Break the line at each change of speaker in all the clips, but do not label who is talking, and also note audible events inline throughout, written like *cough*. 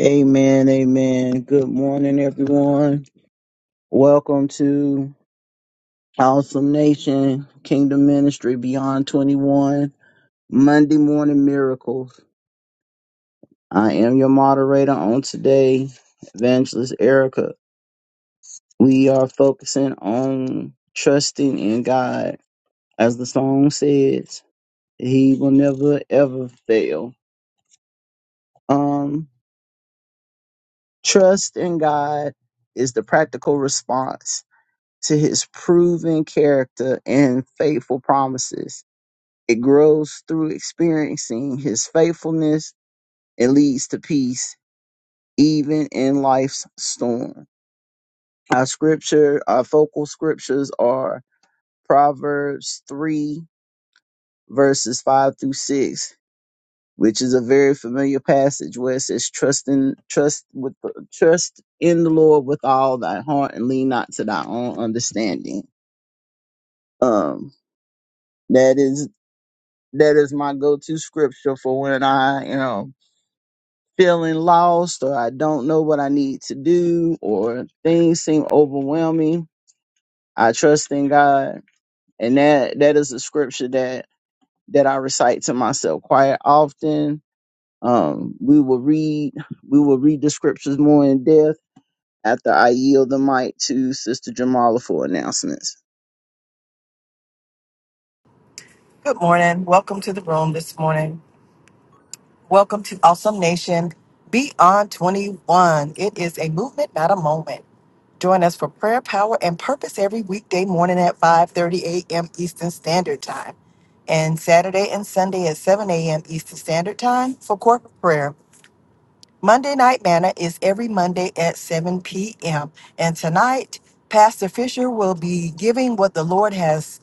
Amen, amen. Good morning, everyone. Welcome to Awesome Nation Kingdom Ministry Beyond 21 Monday Morning Miracles. I am your moderator on today, Evangelist Erica. We are focusing on trusting in God. As the song says, He will never ever fail. Um, trust in God is the practical response to his proven character and faithful promises. It grows through experiencing his faithfulness. It leads to peace, even in life's storm. Our scripture, our focal scriptures are Proverbs 3, verses 5 through 6, which is a very familiar passage where it says, Trust in, trust with, the, trust in the Lord with all thy heart and lean not to thy own understanding. Um, that is. that is my go-to scripture for when I you know feeling lost or I don't know what I need to do or things seem overwhelming. I trust in God, and that that is a scripture that that I recite to myself quite often. Um, we will read we will read the scriptures more in depth after I yield the mic to Sister Jamala for announcements.
Good morning. Welcome to the room this morning. Welcome to Awesome Nation Beyond 21. It is a movement, not a moment. Join us for prayer, power, and purpose every weekday morning at 5:30 a.m. Eastern Standard Time and Saturday and Sunday at 7 a.m. Eastern Standard Time for corporate prayer. Monday Night Manna is every Monday at 7 p.m. And tonight, Pastor Fisher will be giving what the Lord has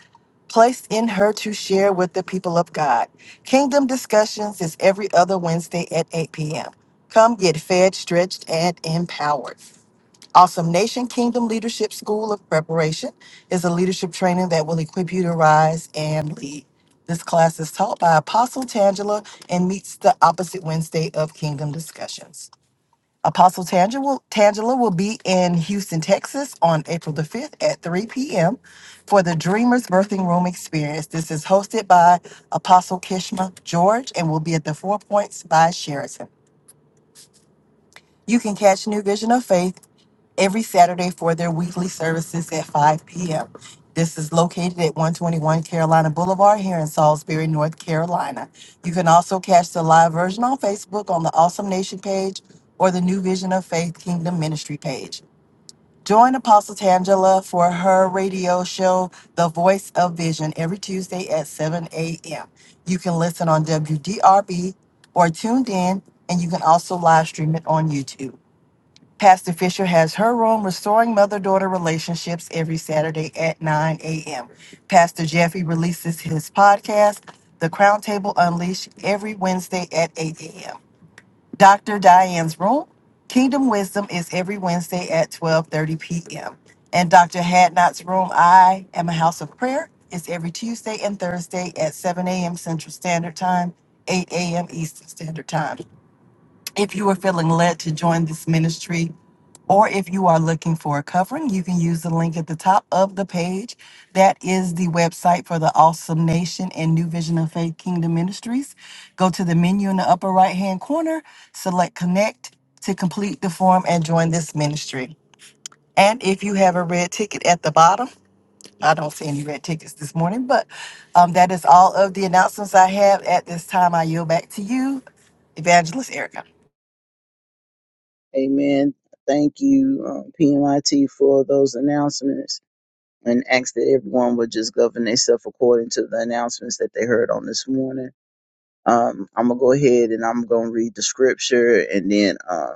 placed in her to share with the people of God. Kingdom Discussions is every other Wednesday at 8 p.m. Come get fed, stretched, and empowered. Awesome Nation Kingdom Leadership School of Preparation is a leadership training that will equip you to rise and lead. This class is taught by Apostle Tangela and meets the opposite Wednesday of Kingdom Discussions. Apostle Tangela, Tangela will be in Houston, Texas on April the 5th at 3 p.m. for the Dreamers Birthing Room Experience. This is hosted by Apostle Kishma George and will be at the Four Points by Sheraton. You can catch New Vision of Faith every Saturday for their weekly services at 5 p.m. This is located at 121 Carolina Boulevard here in Salisbury, North Carolina. You can also catch the live version on Facebook on the Awesome Nation page or the New Vision of Faith Kingdom Ministry page. Join Apostle Tangela for her radio show, The Voice of Vision, every Tuesday at 7 a.m. You can listen on WDRB or tuned in, and you can also live stream it on YouTube. Pastor Fisher has her room, Restoring Mother Daughter Relationships, every Saturday at 9 a.m. Pastor Jeffy releases his podcast, The Crown Table Unleashed, every Wednesday at 8 a.m. Dr. Diane's room, Kingdom Wisdom, is every Wednesday at 12:30 p.m. And Dr. Hadnot's room, I Am a House of Prayer, is every Tuesday and Thursday at 7 a.m. Central Standard Time, 8 a.m. Eastern Standard Time. If you are feeling led to join this ministry, or if you are looking for a covering, you can use the link at the top of the page. That is the website for the Awesome Nation and New Vision of Faith Kingdom Ministries. Go to the menu in the upper right hand corner, select Connect to complete the form and join this ministry. And if you have a red ticket at the bottom, I don't see any red tickets this morning, but um, that is all of the announcements I have at this time. I yield back to you, Evangelist Erica.
Amen. Thank you, um, PMIT, for those announcements. and ask that everyone would just govern themselves according to the announcements that they heard on this morning. Um, I'm gonna go ahead and I'm gonna read the scripture, and then uh,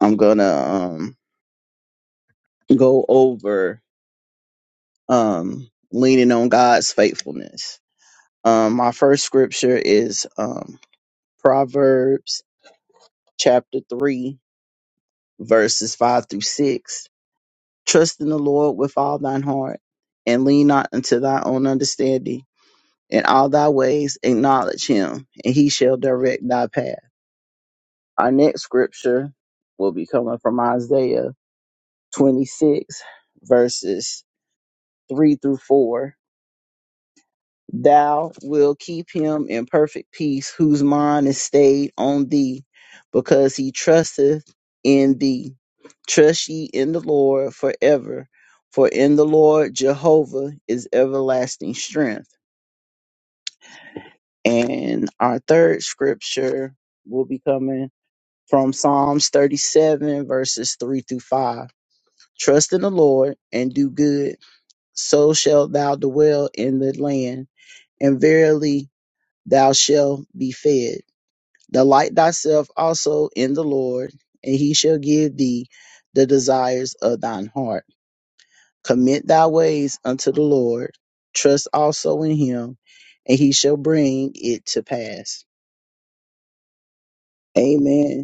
I'm gonna um, go over um, leaning on God's faithfulness. Um, my first scripture is um, Proverbs chapter three, verses five through six. Trust in the Lord with all thine heart, and lean not unto thy own understanding In all thy ways acknowledge him, and he shall direct thy path. Our next scripture will be coming from Isaiah 26, verses 3 through 4. Thou will keep him in perfect peace, whose mind is stayed on thee, because he trusteth in thee. Trust ye in the Lord forever, for in the Lord Jehovah is everlasting strength. And our third scripture will be coming from Psalms 37, verses 3 through 5. Trust in the Lord and do good, so shalt thou dwell in the land, and verily thou shalt be fed. Delight thyself also in the Lord, and he shall give thee the desires of thine heart. Commit thy ways unto the Lord, trust also in him, and he shall bring it to pass. Amen.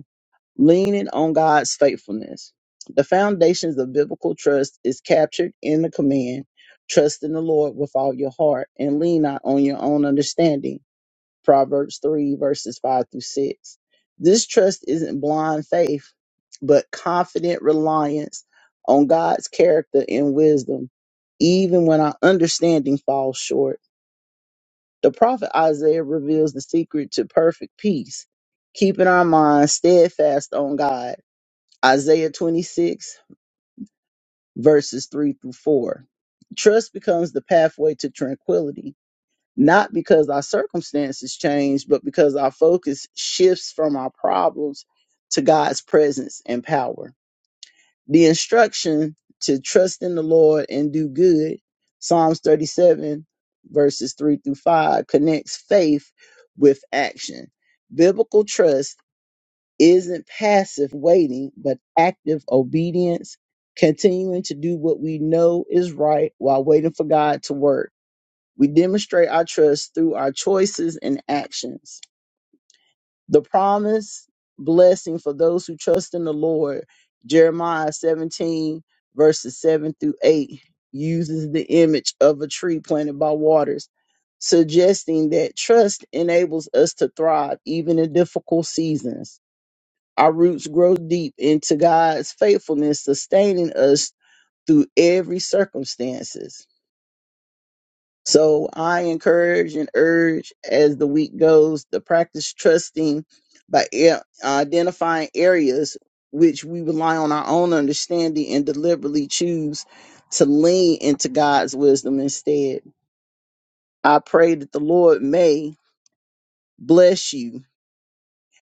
leaning on God's faithfulness. The foundations of biblical trust is captured in the command, trust in the Lord with all your heart and lean not on your own understanding. Proverbs 3 verses 5 through 6. This trust isn't blind faith, but confident reliance on God's character and wisdom, even when our understanding falls short. The prophet Isaiah reveals the secret to perfect peace, keeping our minds steadfast on God Isaiah 26, verses 3 through 4. Trust becomes the pathway to tranquility, not because our circumstances change, but because our focus shifts from our problems to God's presence and power. The instruction to trust in the Lord and do good, Psalms 37, verses 3 through 5, connects faith with action. Biblical trust isn't passive waiting, but active obedience, continuing to do what we know is right while waiting for God to work. We demonstrate our trust through our choices and actions. The promise blessing for those who trust in the Lord, Jeremiah 17, verses 7 through 8, uses the image of a tree planted by waters, suggesting that trust enables us to thrive even in difficult seasons. Our roots grow deep into God's faithfulness, sustaining us through every circumstances. So I encourage and urge as the week goes to practice trusting by e- identifying areas which we rely on our own understanding and deliberately choose to lean into God's wisdom instead. I pray that the Lord may bless you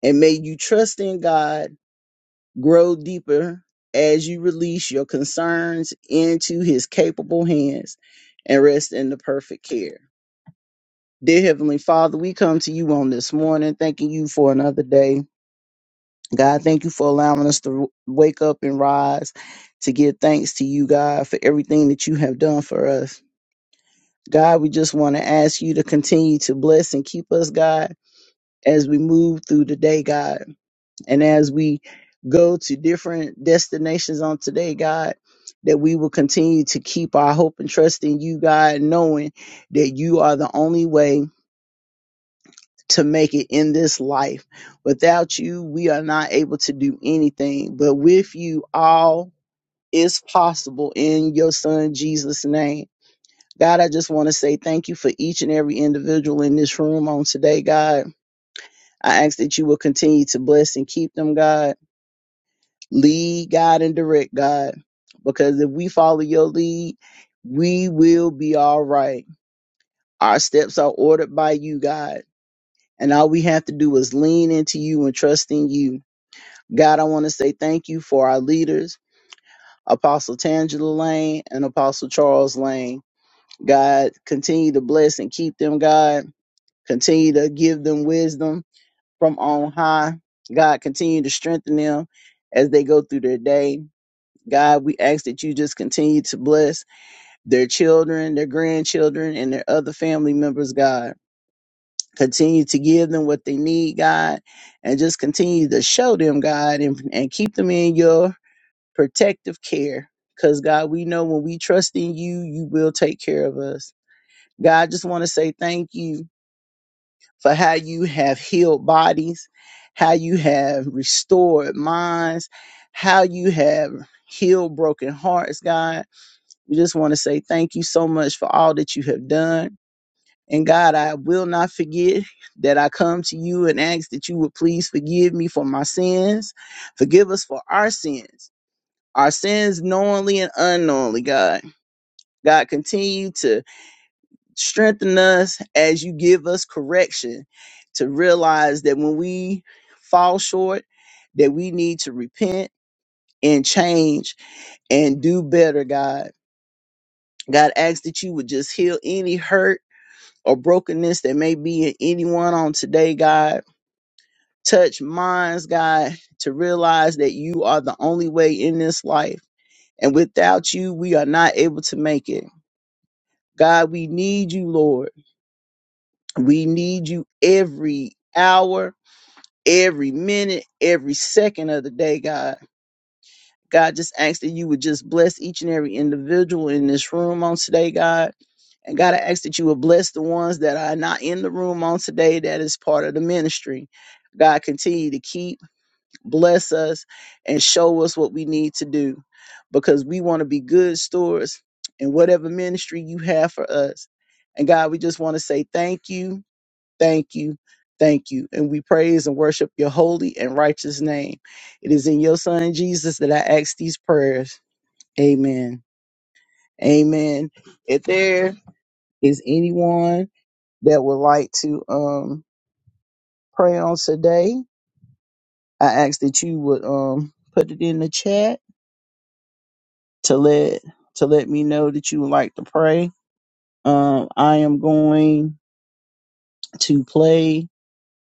and may you trust in God Grow deeper as you release your concerns into His capable hands and rest in the perfect care. Dear Heavenly Father, we come to you on this morning, thanking you for another day. God, thank you for allowing us to wake up and rise to give thanks to you, God, for everything that you have done for us. God, we just want to ask you to continue to bless and keep us, God, as we move through the day, God. And as we go to different destinations on today, God, that we will continue to keep our hope and trust in you, God, knowing that you are the only way to make it in this life. Without you, we are not able to do anything, but with you, all is possible in your son Jesus' name. God, I just want to say thank you for each and every individual in this room on today, God. I ask that you will continue to bless and keep them, God. Lead, God, and direct, God. Because if we follow your lead, we will be all right. Our steps are ordered by you, God. And all we have to do is lean into you and trust in you. God, I want to say thank you for our leaders, Apostle Tangela Lane and Apostle Charles Lane. God, continue to bless and keep them, God. Continue to give them wisdom from on high. God, continue to strengthen them as they go through their day. God, we ask that you just continue to bless their children, their grandchildren, and their other family members, God. Continue to give them what they need, God, and just continue to show them, God, and, and keep them in your protective care. Because, God, we know when we trust in you, you will take care of us. God, I just want to say thank you for how you have healed bodies, how you have restored minds, how you have healed broken hearts, God We just want to say thank you so much for all that you have done. And God, I will not forget that I come to you and ask that you would please forgive me for my sins. Forgive us for our sins, our sins knowingly and unknowingly, God. God, continue to strengthen us as you give us correction to realize that when we fall short, that we need to repent and change and do better, God. God, ask that you would just heal any hurt or brokenness that may be in anyone on today, God. Touch minds, God, to realize that you are the only way in this life. And without you, we are not able to make it. God, we need you, Lord. We need you every hour, every minute, every second of the day, God. God, just ask that you would just bless each and every individual in this room on today, God. And God, I ask that you would bless the ones that are not in the room on today that is part of the ministry. God, continue to keep, bless us, and show us what we need to do because we want to be good stewards in whatever ministry you have for us. And God, we just want to say thank you Thank you. Thank you. And we praise and worship your holy and righteous name. It is in your son Jesus that I ask these prayers. Amen. Amen. If there is anyone that would like to um pray on today, I ask that you would um put it in the chat to let to let me know that you would like to pray. Um I am going to play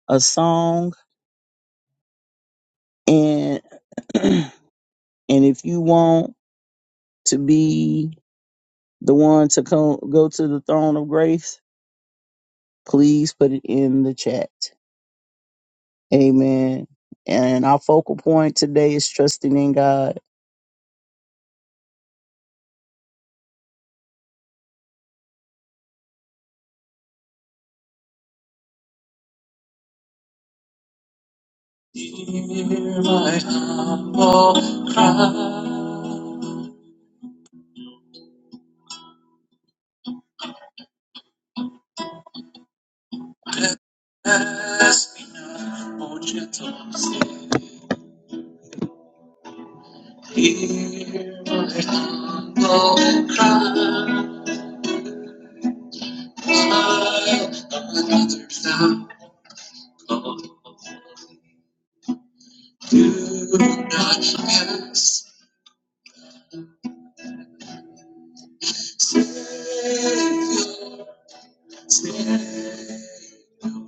a song and *clears throat* and if you want to be the one to come go to the throne of grace, please put it in the chat. Amen. And our focal point today is trusting in God. Do not cast Savior, Savior, my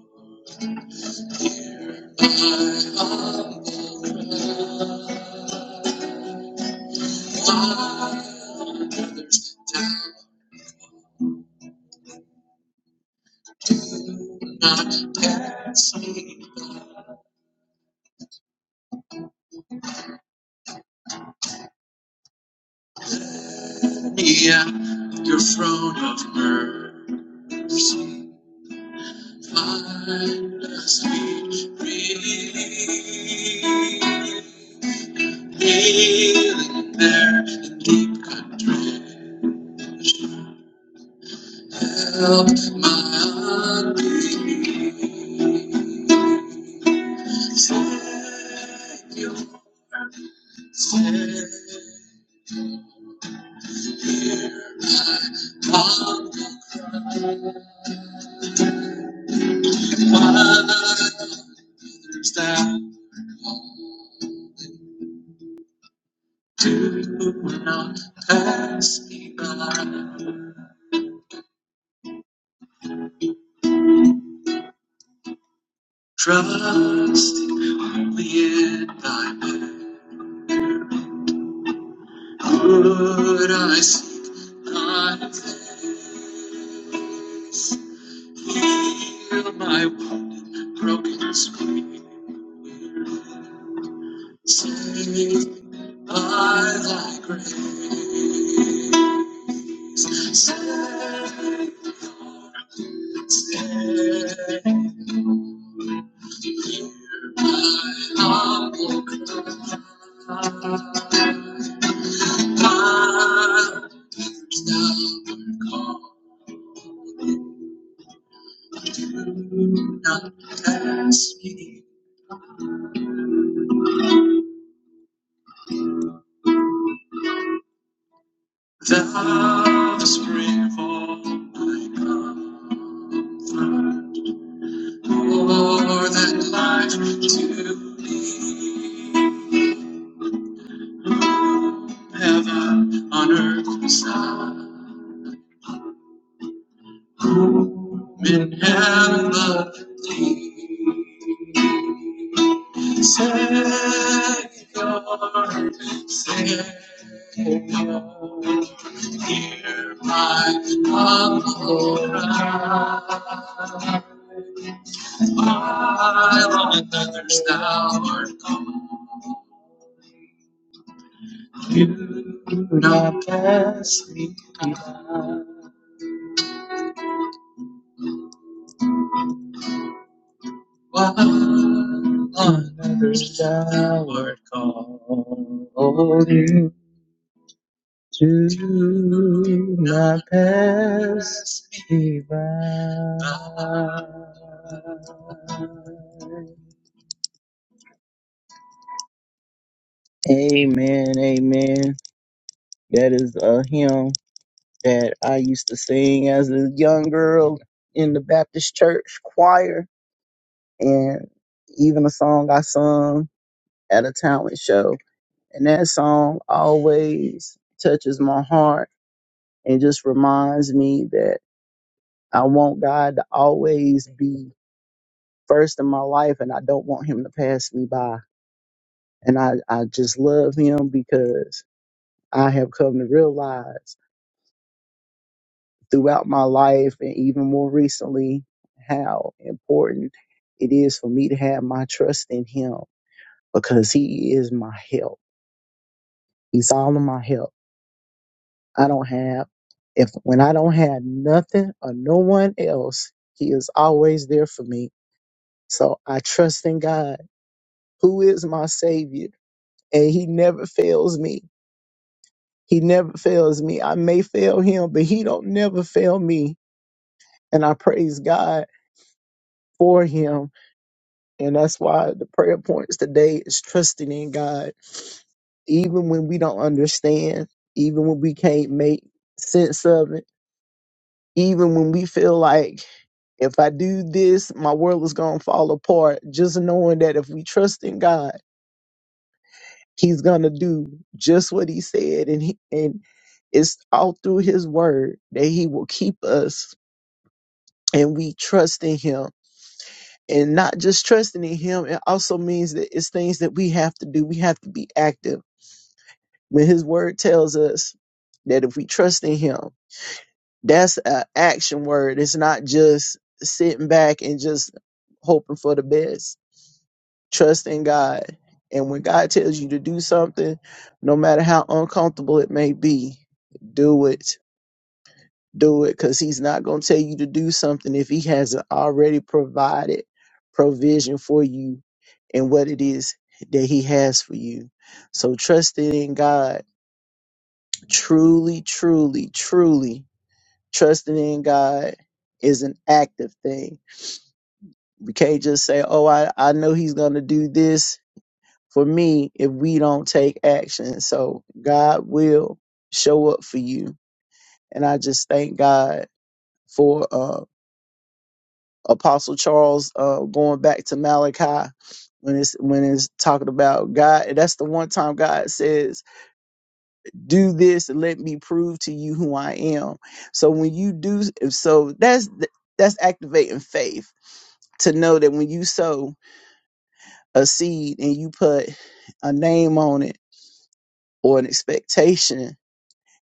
eyes, do not pass me by. near your throne of mercy. Find us, we pray. Healing there in deep country. Help my unbelief. Thank you, Savior. I come to understand. Do not pass me by. Trust only in thy good I seek thy face. Heal my wounded, broken spirit. Save by thy grace. Save, save. Hear my humble cry. Thou the spring for my comfort, more than life to me, heaven on earth beside. Been heavenly, Savior, Savior, hear my humble cry. My others thou art gone, do not pass me by. While another's downward call you do not pass me by. Amen, amen. That is a hymn that I used to sing as a young girl in the Baptist church choir, and even a song I sung at a talent show. And that song always touches my heart and just reminds me that I want God to always be first in my life and I don't want him to pass me by. And I, I just love him because I have come to realize throughout my life and even more recently how important it is for me to have my trust in him because he is my help. He's all of my help. I don't have if when I don't have nothing or no one else, he is always there for me. So I trust in God, who is my savior, and he never fails me. He never fails me. I may fail him, but he don't never fail me. And I praise God for him. And that's why the prayer points today is trusting in God. Even when we don't understand, even when we can't make sense of it Even when we feel like if I do this, my world is going to fall apart. Just knowing that if we trust in God, He's going to do just what He said. And, he, and it's all through His word that He will keep us and we trust in Him. And not just trusting in Him, it also means that it's things that we have to do. We have to be active. When His word tells us that if we trust in Him, That's an action word. It's not just sitting back and just hoping for the best. Trust in God. And when God tells you to do something, no matter how uncomfortable it may be, do it. Do it because He's not going to tell you to do something if He hasn't already provided provision for you and what it is that He has for you. So trust in God. Truly, truly, truly trusting in God is an active thing. We can't just say, "Oh, I I know He's going to do this for me" if we don't take action. So God will show up for you, and I just thank God for uh, Apostle Charles uh, going back to Malachi when it's when it's talking about God. That's the one time God says. do this and let me prove to you who I am. So when you do so that's that's activating faith to know that when you sow a seed and you put a name on it or an expectation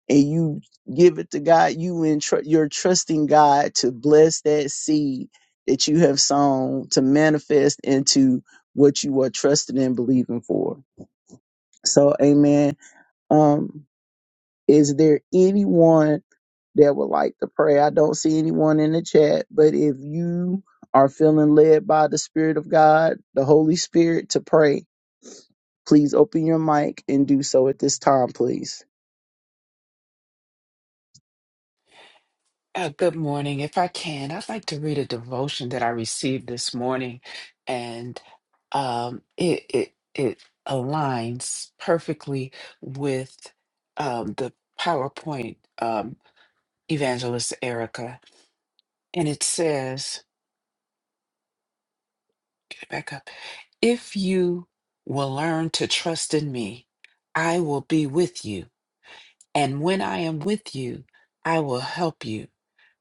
and you give it to God, you entr- you're trusting God to bless that seed that you have sown to manifest into what you are trusting and believing for. So, amen. Um, Is there anyone that would like to pray? I don't see anyone in the chat, but if you are feeling led by the Spirit of God, the Holy Spirit, to pray, please open your mic and do so at this time, please.
Uh, good morning. If I can, I'd like to read a devotion that I received this morning, and um, it it it aligns perfectly with um, the PowerPoint um, evangelist Erica, and it says, "Back up. If you will learn to trust in me, I will be with you, and when I am with you, I will help you.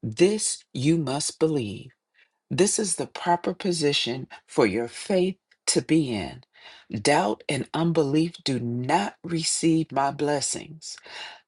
This you must believe." This is the proper position for your faith to be in. Doubt and unbelief do not receive my blessings.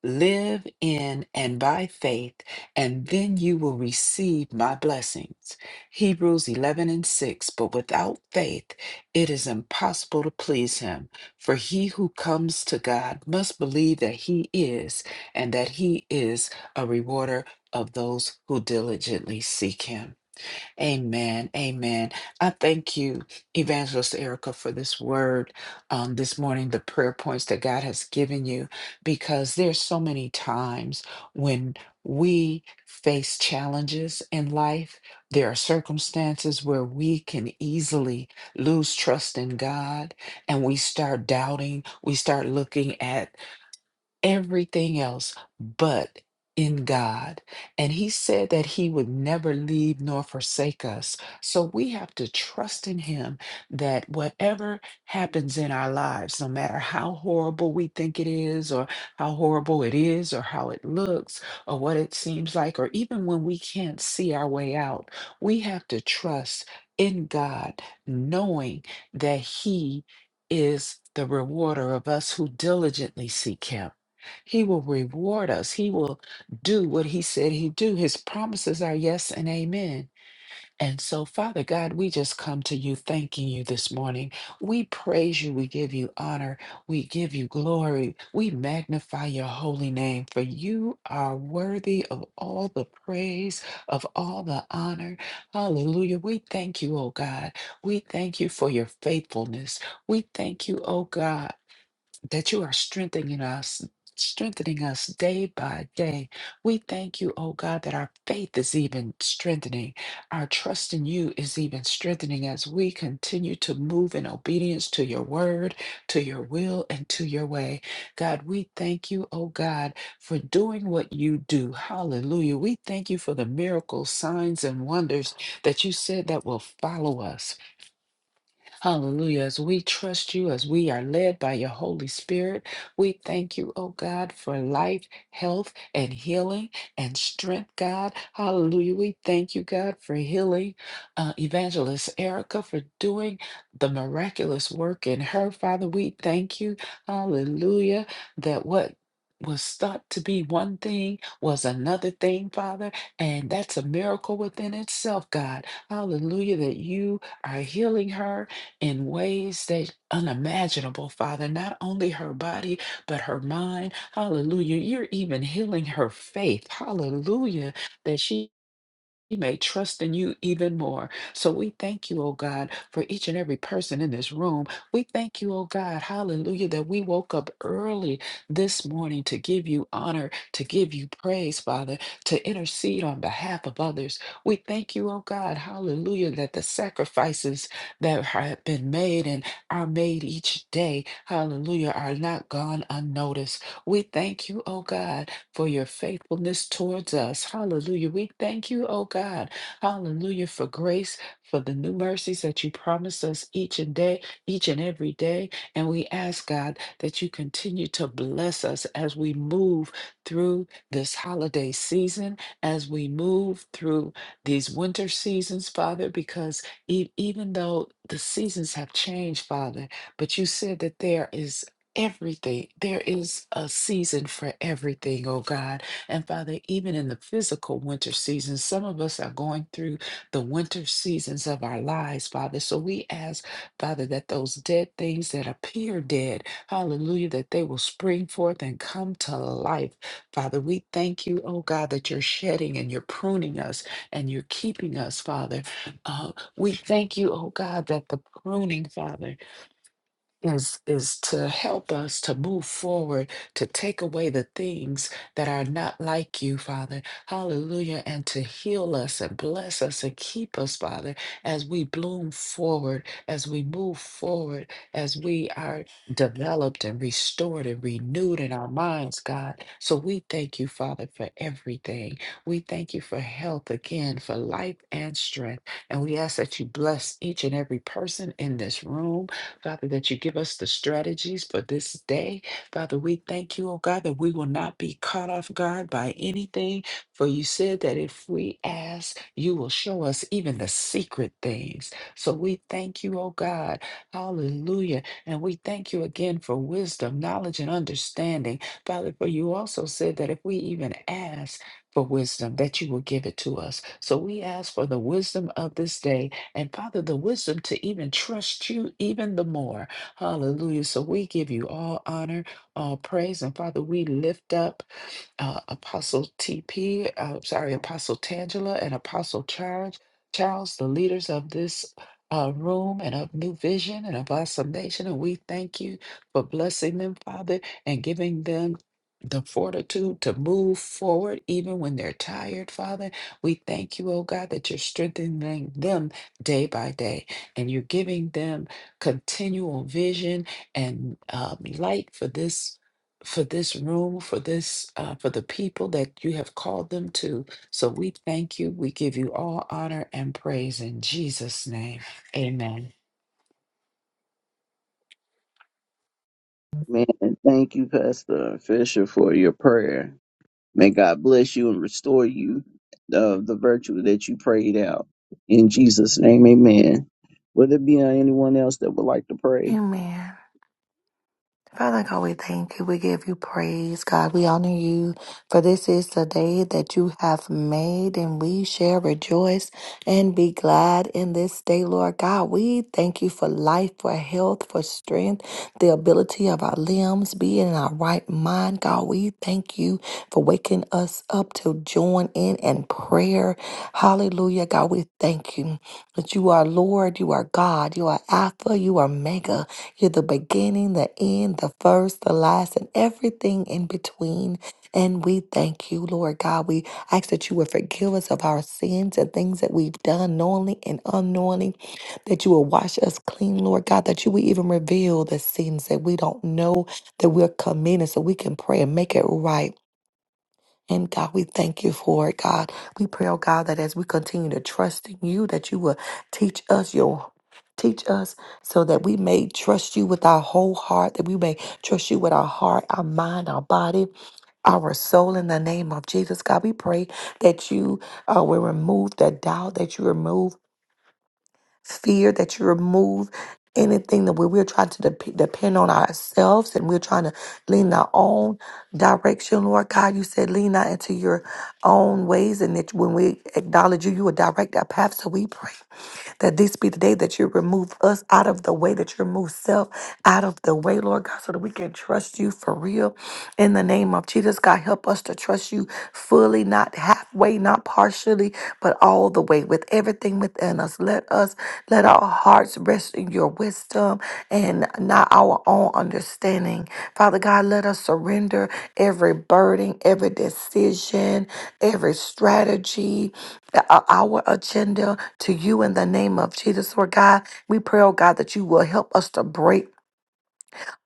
Live in and by faith, and then you will receive my blessings. Hebrews 11 and 6. But without faith, it is impossible to please him. For he who comes to God must believe that he is, and that he is a rewarder of those who diligently seek him. Amen. Amen. I thank you, Evangelist Erica, for this word um, this morning, the prayer points that God has given you, because there's so many times when we face challenges in life. There are circumstances where we can easily lose trust in God and we start doubting. We start looking at everything else but in God. And He said that He would never leave nor forsake us. So we have to trust in Him that whatever happens in our lives, no matter how horrible we think it is, or how horrible it is, or how it looks, or what it seems like, or even when we can't see our way out, we have to trust in God, knowing that He is the rewarder of us who diligently seek Him. He will reward us. He will do what he said he'd do. His promises are yes and amen. And so, Father God, we just come to you thanking you this morning. We praise you. We give you honor. We give you glory. We magnify your holy name, for you are worthy of all the praise, of all the honor. Hallelujah. We thank you, oh God. We thank you for your faithfulness. We thank you, oh God that you are strengthening us, strengthening us day by day. We thank you, oh God, that our faith is even strengthening. Our trust in you is even strengthening as we continue to move in obedience to your word, to your will, and to your way. God, we thank you, oh God, for doing what you do. Hallelujah. We thank you for the miracles, signs, and wonders that you said that will follow us. Hallelujah. As we trust you, as we are led by your Holy Spirit, we thank you, oh God, for life, health, and healing and strength, God. Hallelujah. We thank you, God, for healing uh, Evangelist Erica, for doing the miraculous work in her. Father, we thank you, hallelujah, that what was thought to be one thing was another thing, Father, and that's a miracle within itself, God. Hallelujah, that you are healing her in ways that unimaginable, Father, not only her body, but her mind. Hallelujah. You're even healing her faith. Hallelujah. That she he may trust in you even more. So we thank you, oh God, for each and every person in this room. We thank you, oh God, hallelujah, that we woke up early this morning to give you honor, to give you praise, Father, to intercede on behalf of others. We thank you, oh God, hallelujah, that the sacrifices that have been made and are made each day, hallelujah, are not gone unnoticed. We thank you, oh God, for your faithfulness towards us. Hallelujah. We thank you, oh God. Hallelujah for grace, for the new mercies that you promise us each and day, each and every day. And we ask, God, that you continue to bless us as we move through this holiday season, as we move through these winter seasons, Father, because e- even though the seasons have changed, Father, but you said that there is everything. There is a season for everything, oh God. And Father, even in the physical winter season, some of us are going through the winter seasons of our lives, Father. So we ask, Father, that those dead things that appear dead, hallelujah, that they will spring forth and come to life. Father, we thank you, oh God, that you're shedding and you're pruning us and you're keeping us, Father. Uh, we thank you, oh God, that the pruning, Father, is is to help us to move forward to take away the things that are not like you father hallelujah and to heal us and bless us and keep us father as we bloom forward as we move forward as we are developed and restored and renewed in our minds god so we thank you father for everything we thank you for health again for life and strength and we ask that you bless each and every person in this room Father, that you give us the strategies for this day. Father, we thank you, oh God, that we will not be caught off guard by anything. For you said that if we ask, you will show us even the secret things. So we thank you, oh God. Hallelujah. And we thank you again for wisdom, knowledge, and understanding. Father, for you also said that if we even ask, for wisdom, that you will give it to us. So we ask for the wisdom of this day and Father, the wisdom to even trust you even the more. Hallelujah. So we give you all honor, all praise. And Father, we lift up uh, Apostle TP, uh, sorry, Apostle Tangela and Apostle Charles, Charles, the leaders of this uh, room and of New Vision and of Awesome Nation. And we thank you for blessing them, Father, and giving them the fortitude to move forward even when they're tired, Father. We thank you, oh God, that you're strengthening them day by day and you're giving them continual vision and um, light for this for this room, for this, uh, for the people that you have called them to. So we thank you. We give you all honor and praise in Jesus' name. Amen.
Man, thank you, Pastor Fisher, for your prayer. May God bless you and restore you of the virtue that you prayed out. In Jesus' name, amen. Would there be anyone else that would like to pray?
Amen. Father God, we thank you. We give you praise, God. We honor you, for this is the day that you have made, and we shall rejoice and be glad in this day, Lord God. We thank you for life, for health, for strength, the ability of our limbs, being in our right mind, God. We thank you for waking us up to join in in prayer. Hallelujah, God. We thank you that you are Lord, you are God, you are Alpha, you are Mega. You're the beginning, the end, the first, the last, and everything in between. And we thank you, Lord God. We ask that you would forgive us of our sins and things that we've done knowingly and unknowingly, that you will wash us clean, Lord God, that you will even reveal the sins that we don't know that we're committing so we can pray and make it right. And God, we thank you for it, God. We pray, oh God, that as we continue to trust in you, that you will teach us your teach us so that we may trust you with our whole heart, that we may trust you with our heart, our mind, our body, our soul in the name of Jesus. God, we pray that you uh, will remove the doubt, that you remove fear, that you remove anything that we, we're trying to dep depend on ourselves and we're trying to lean our own direction, Lord God. You said, lean not into your own ways and that when we acknowledge you, you will direct our path. So we pray that this be the day that you remove us out of the way, that you remove self out of the way, Lord God, so that we can trust you for real. In the name of Jesus, God, help us to trust you fully, not halfway, not partially, but all the way with everything within us. Let us let our hearts rest in your wisdom and not our own understanding. Father God, let us surrender every burden, every decision, every strategy, uh, our agenda to you in the name of Jesus, Lord God. We pray, oh God, that you will help us to break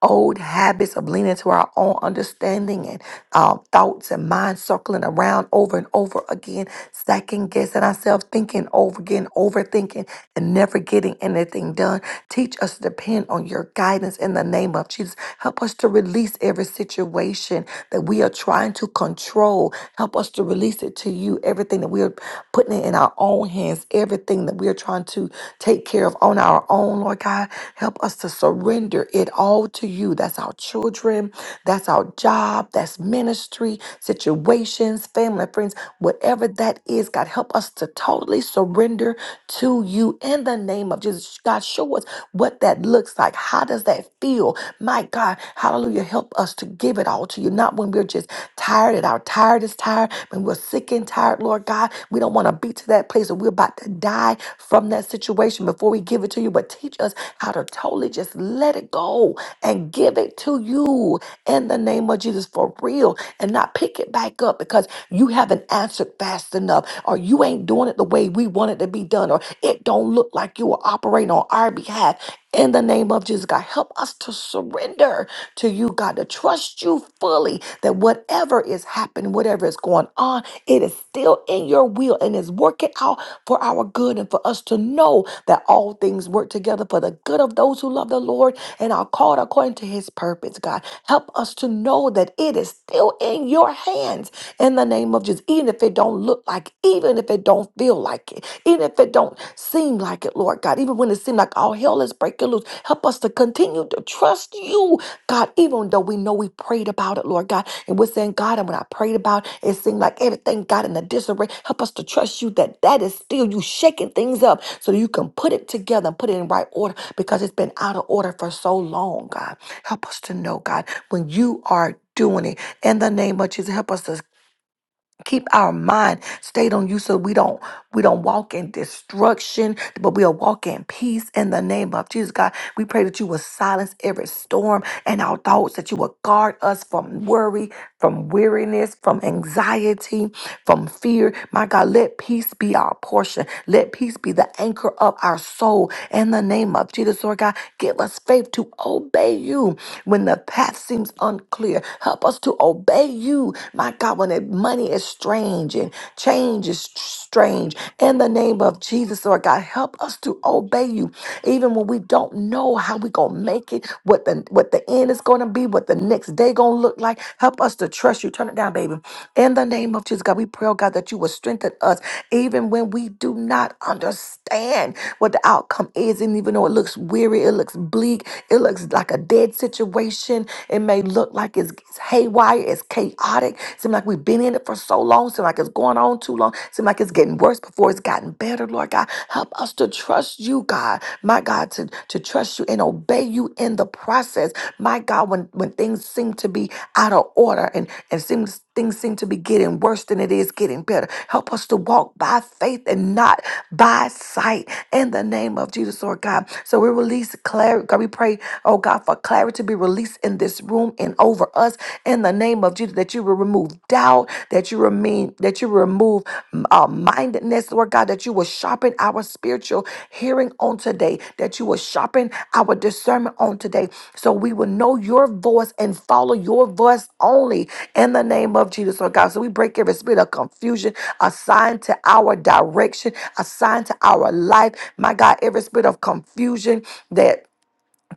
old habits of leaning to our own understanding and uh, thoughts and minds circling around over and over again, second guessing ourselves, thinking over again, overthinking, and never getting anything done. Teach us to depend on your guidance in the name of Jesus. Help us to release every situation that we are trying to control. Help us to release it to you. Everything that we are putting it in our own hands, everything that we are trying to take care of on our own, Lord God, help us to surrender it all to you. That's our children, that's our job, that's ministry, situations, family, friends, whatever that is, God, help us to totally surrender to you in the name of Jesus. God, show us what that looks like. How does that feel? My God. God, hallelujah, help us to give it all to you. Not when we're just tired and our tired is tired, when we're sick and tired, Lord God. We don't want to be to that place where we're about to die from that situation before we give it to you. But teach us how to totally just let it go and give it to you in the name of Jesus for real and not pick it back up because you haven't answered fast enough or you ain't doing it the way we want it to be done or it don't look like you are operating on our behalf in the name of Jesus, God. Help us to surrender to you, God, to trust you fully that whatever is happening, whatever is going on, it is still in your will and is working out for our good and for us to know that all things work together for the good of those who love the Lord and are called according to his purpose, God. Help us to know that it is still in your hands in the name of Jesus. Even if it don't look like it, even if it don't feel like it, even if it don't seem like it, Lord God, even when it seems like all hell is breaking loose, help us to continue to trust you God, even though we know we prayed about it, Lord God, and we're saying, God, and when I prayed about it, it seemed like everything got in a disarray. Help us to trust you that that is still you shaking things up so you can put it together and put it in right order because it's been out of order for so long, God. Help us to know, God, when you are doing it in the name of Jesus. Help us to keep our mind stayed on you so we don't we don't walk in destruction but we'll walk in peace in the name of jesus god we pray that you will silence every storm and our thoughts that you will guard us from worry from weariness from anxiety from fear my god let peace be our portion let peace be the anchor of our soul in the name of jesus lord god give us faith to obey you when the path seems unclear help us to obey you you, my God, when it- money is strange and change is tr- strange. In the name of Jesus, Lord God, help us to obey you, even when we don't know how we're gonna make it, what the what the end is gonna be, what the next day gonna look like. Help us to trust you. Turn it down, baby. In the name of Jesus, God, we pray, oh God, that you will strengthen us, even when we do not understand what the outcome is, and even though it looks weary, it looks bleak, it looks like a dead situation. It may look like look like it's, it's haywire, it's chaotic. Seem like we've been in it for so long. Seem like it's going on too long. Seem like it's getting worse before it's gotten better. Lord God, help us to trust you, God. My God, to, to trust you and obey you in the process. My God, when, when things seem to be out of order and, and seems things seem to be getting worse than it is getting better. Help us to walk by faith and not by sight in the name of Jesus, Lord God. So we release clarity. God, we pray, oh God, for clarity clarity to be released in this room and over us in the name of Jesus. That you will remove doubt, that you remain, that you remove mm, uh, mindedness, Lord God, that you will sharpen our spiritual hearing on today, that you will sharpen our discernment on today, so we will know your voice and follow your voice only in the name of Jesus, Lord God. So we break every spirit of confusion assigned to our direction, assigned to our life. My God, every spirit of confusion that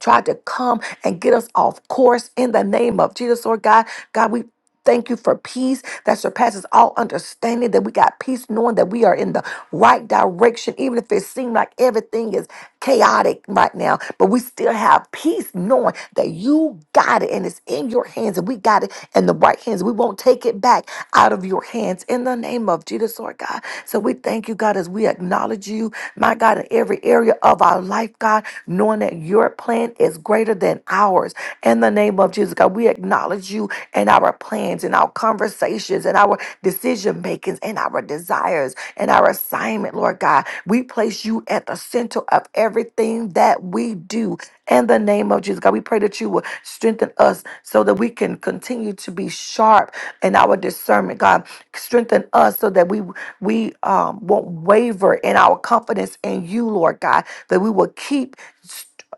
tried to come and get us off course in the name of Jesus, Lord God. God, we thank you for peace that surpasses all understanding, that we got peace knowing that we are in the right direction, even if it seems like everything is chaotic right now, but we still have peace knowing that you got it and it's in your hands and we got it in the right hands. We won't take it back out of your hands in the name of Jesus, Lord God. So we thank you, God, as we acknowledge you, my God, in every area of our life, God, knowing that you're plan is greater than ours. In the name of Jesus, God, we acknowledge you in our plans, in our conversations, in our decision makings, in our desires, in our assignment, Lord God. We place you at the center of everything that we do. In the name of Jesus, God, we pray that you will strengthen us so that we can continue to be sharp in our discernment. God, strengthen us so that we we um, won't waver in our confidence in you, Lord God. That we will keep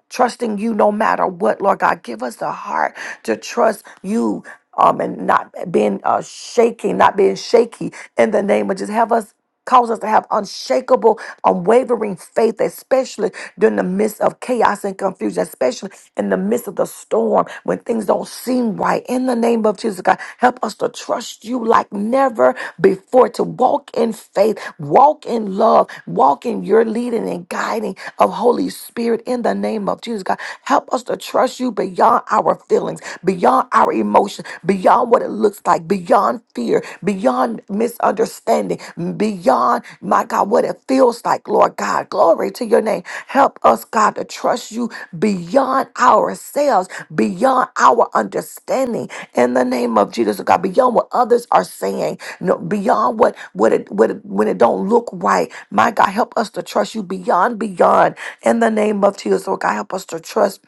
trusting you no matter what, Lord God. Give us a heart to trust you. Um, and not being uh, shaking, not being shaky in the name of just have us cause us to have unshakable, unwavering faith, especially during the midst of chaos and confusion, especially in the midst of the storm when things don't seem right. In the name of Jesus, God, Help us to trust you like never before, to walk in faith, walk in love, walk in your leading and guiding of Holy Spirit in the name of Jesus, God. Help us to trust you beyond our feelings, beyond our emotions, beyond what it looks like, beyond fear, beyond misunderstanding, beyond, my God God, what it feels like, Lord God. Glory to your name. Help us, God, to trust you beyond ourselves, beyond our understanding in the name of Jesus, oh God, beyond what others are saying, no, beyond what what it, what it, when it don't look right. My God, help us to trust you beyond beyond in the name of Jesus, oh God, help us to trust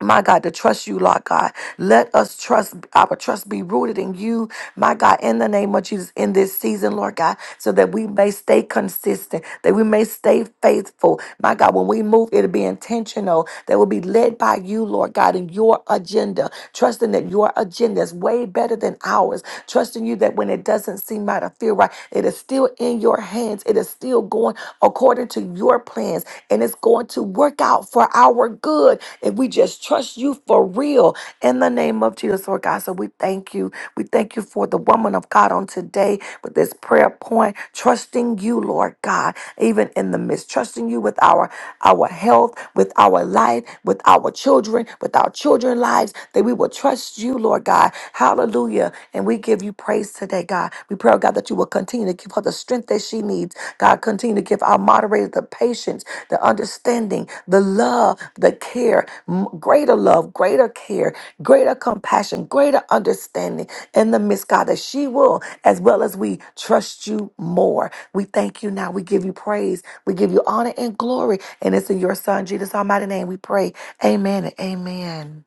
my God, to trust you, Lord God. Let us trust our trust be rooted in you, my God, in the name of Jesus, in this season, Lord God, so that we may stay consistent, that we may stay faithful. My God, when we move, it'll be intentional, that will be led by you, Lord God, in your agenda, trusting that your agenda is way better than ours, trusting you that when it doesn't seem right or feel right, it is still still in your hands. It is still going according to your plans, and it's going to work out for our good if we just trust you for real in the name of Jesus, Lord God. So we thank you. We thank you for the woman of God on today with this prayer point, trusting you, Lord God, even in the midst, trusting you with our our health, with our life, with our children, with our our children's lives, that we will trust you, Lord God. Hallelujah. And we give you praise today, God. We pray, oh God, that you will continue to give her the strength that she needs. God, continue to give our moderator the patience, the understanding, the love, the care, m- greater love, greater care, greater compassion, greater understanding in the midst, God, that she will, as well as we trust you more. We thank you now. We give you praise. We give you honor and glory. And it's in your son, Jesus' almighty name, we pray. Amen and amen.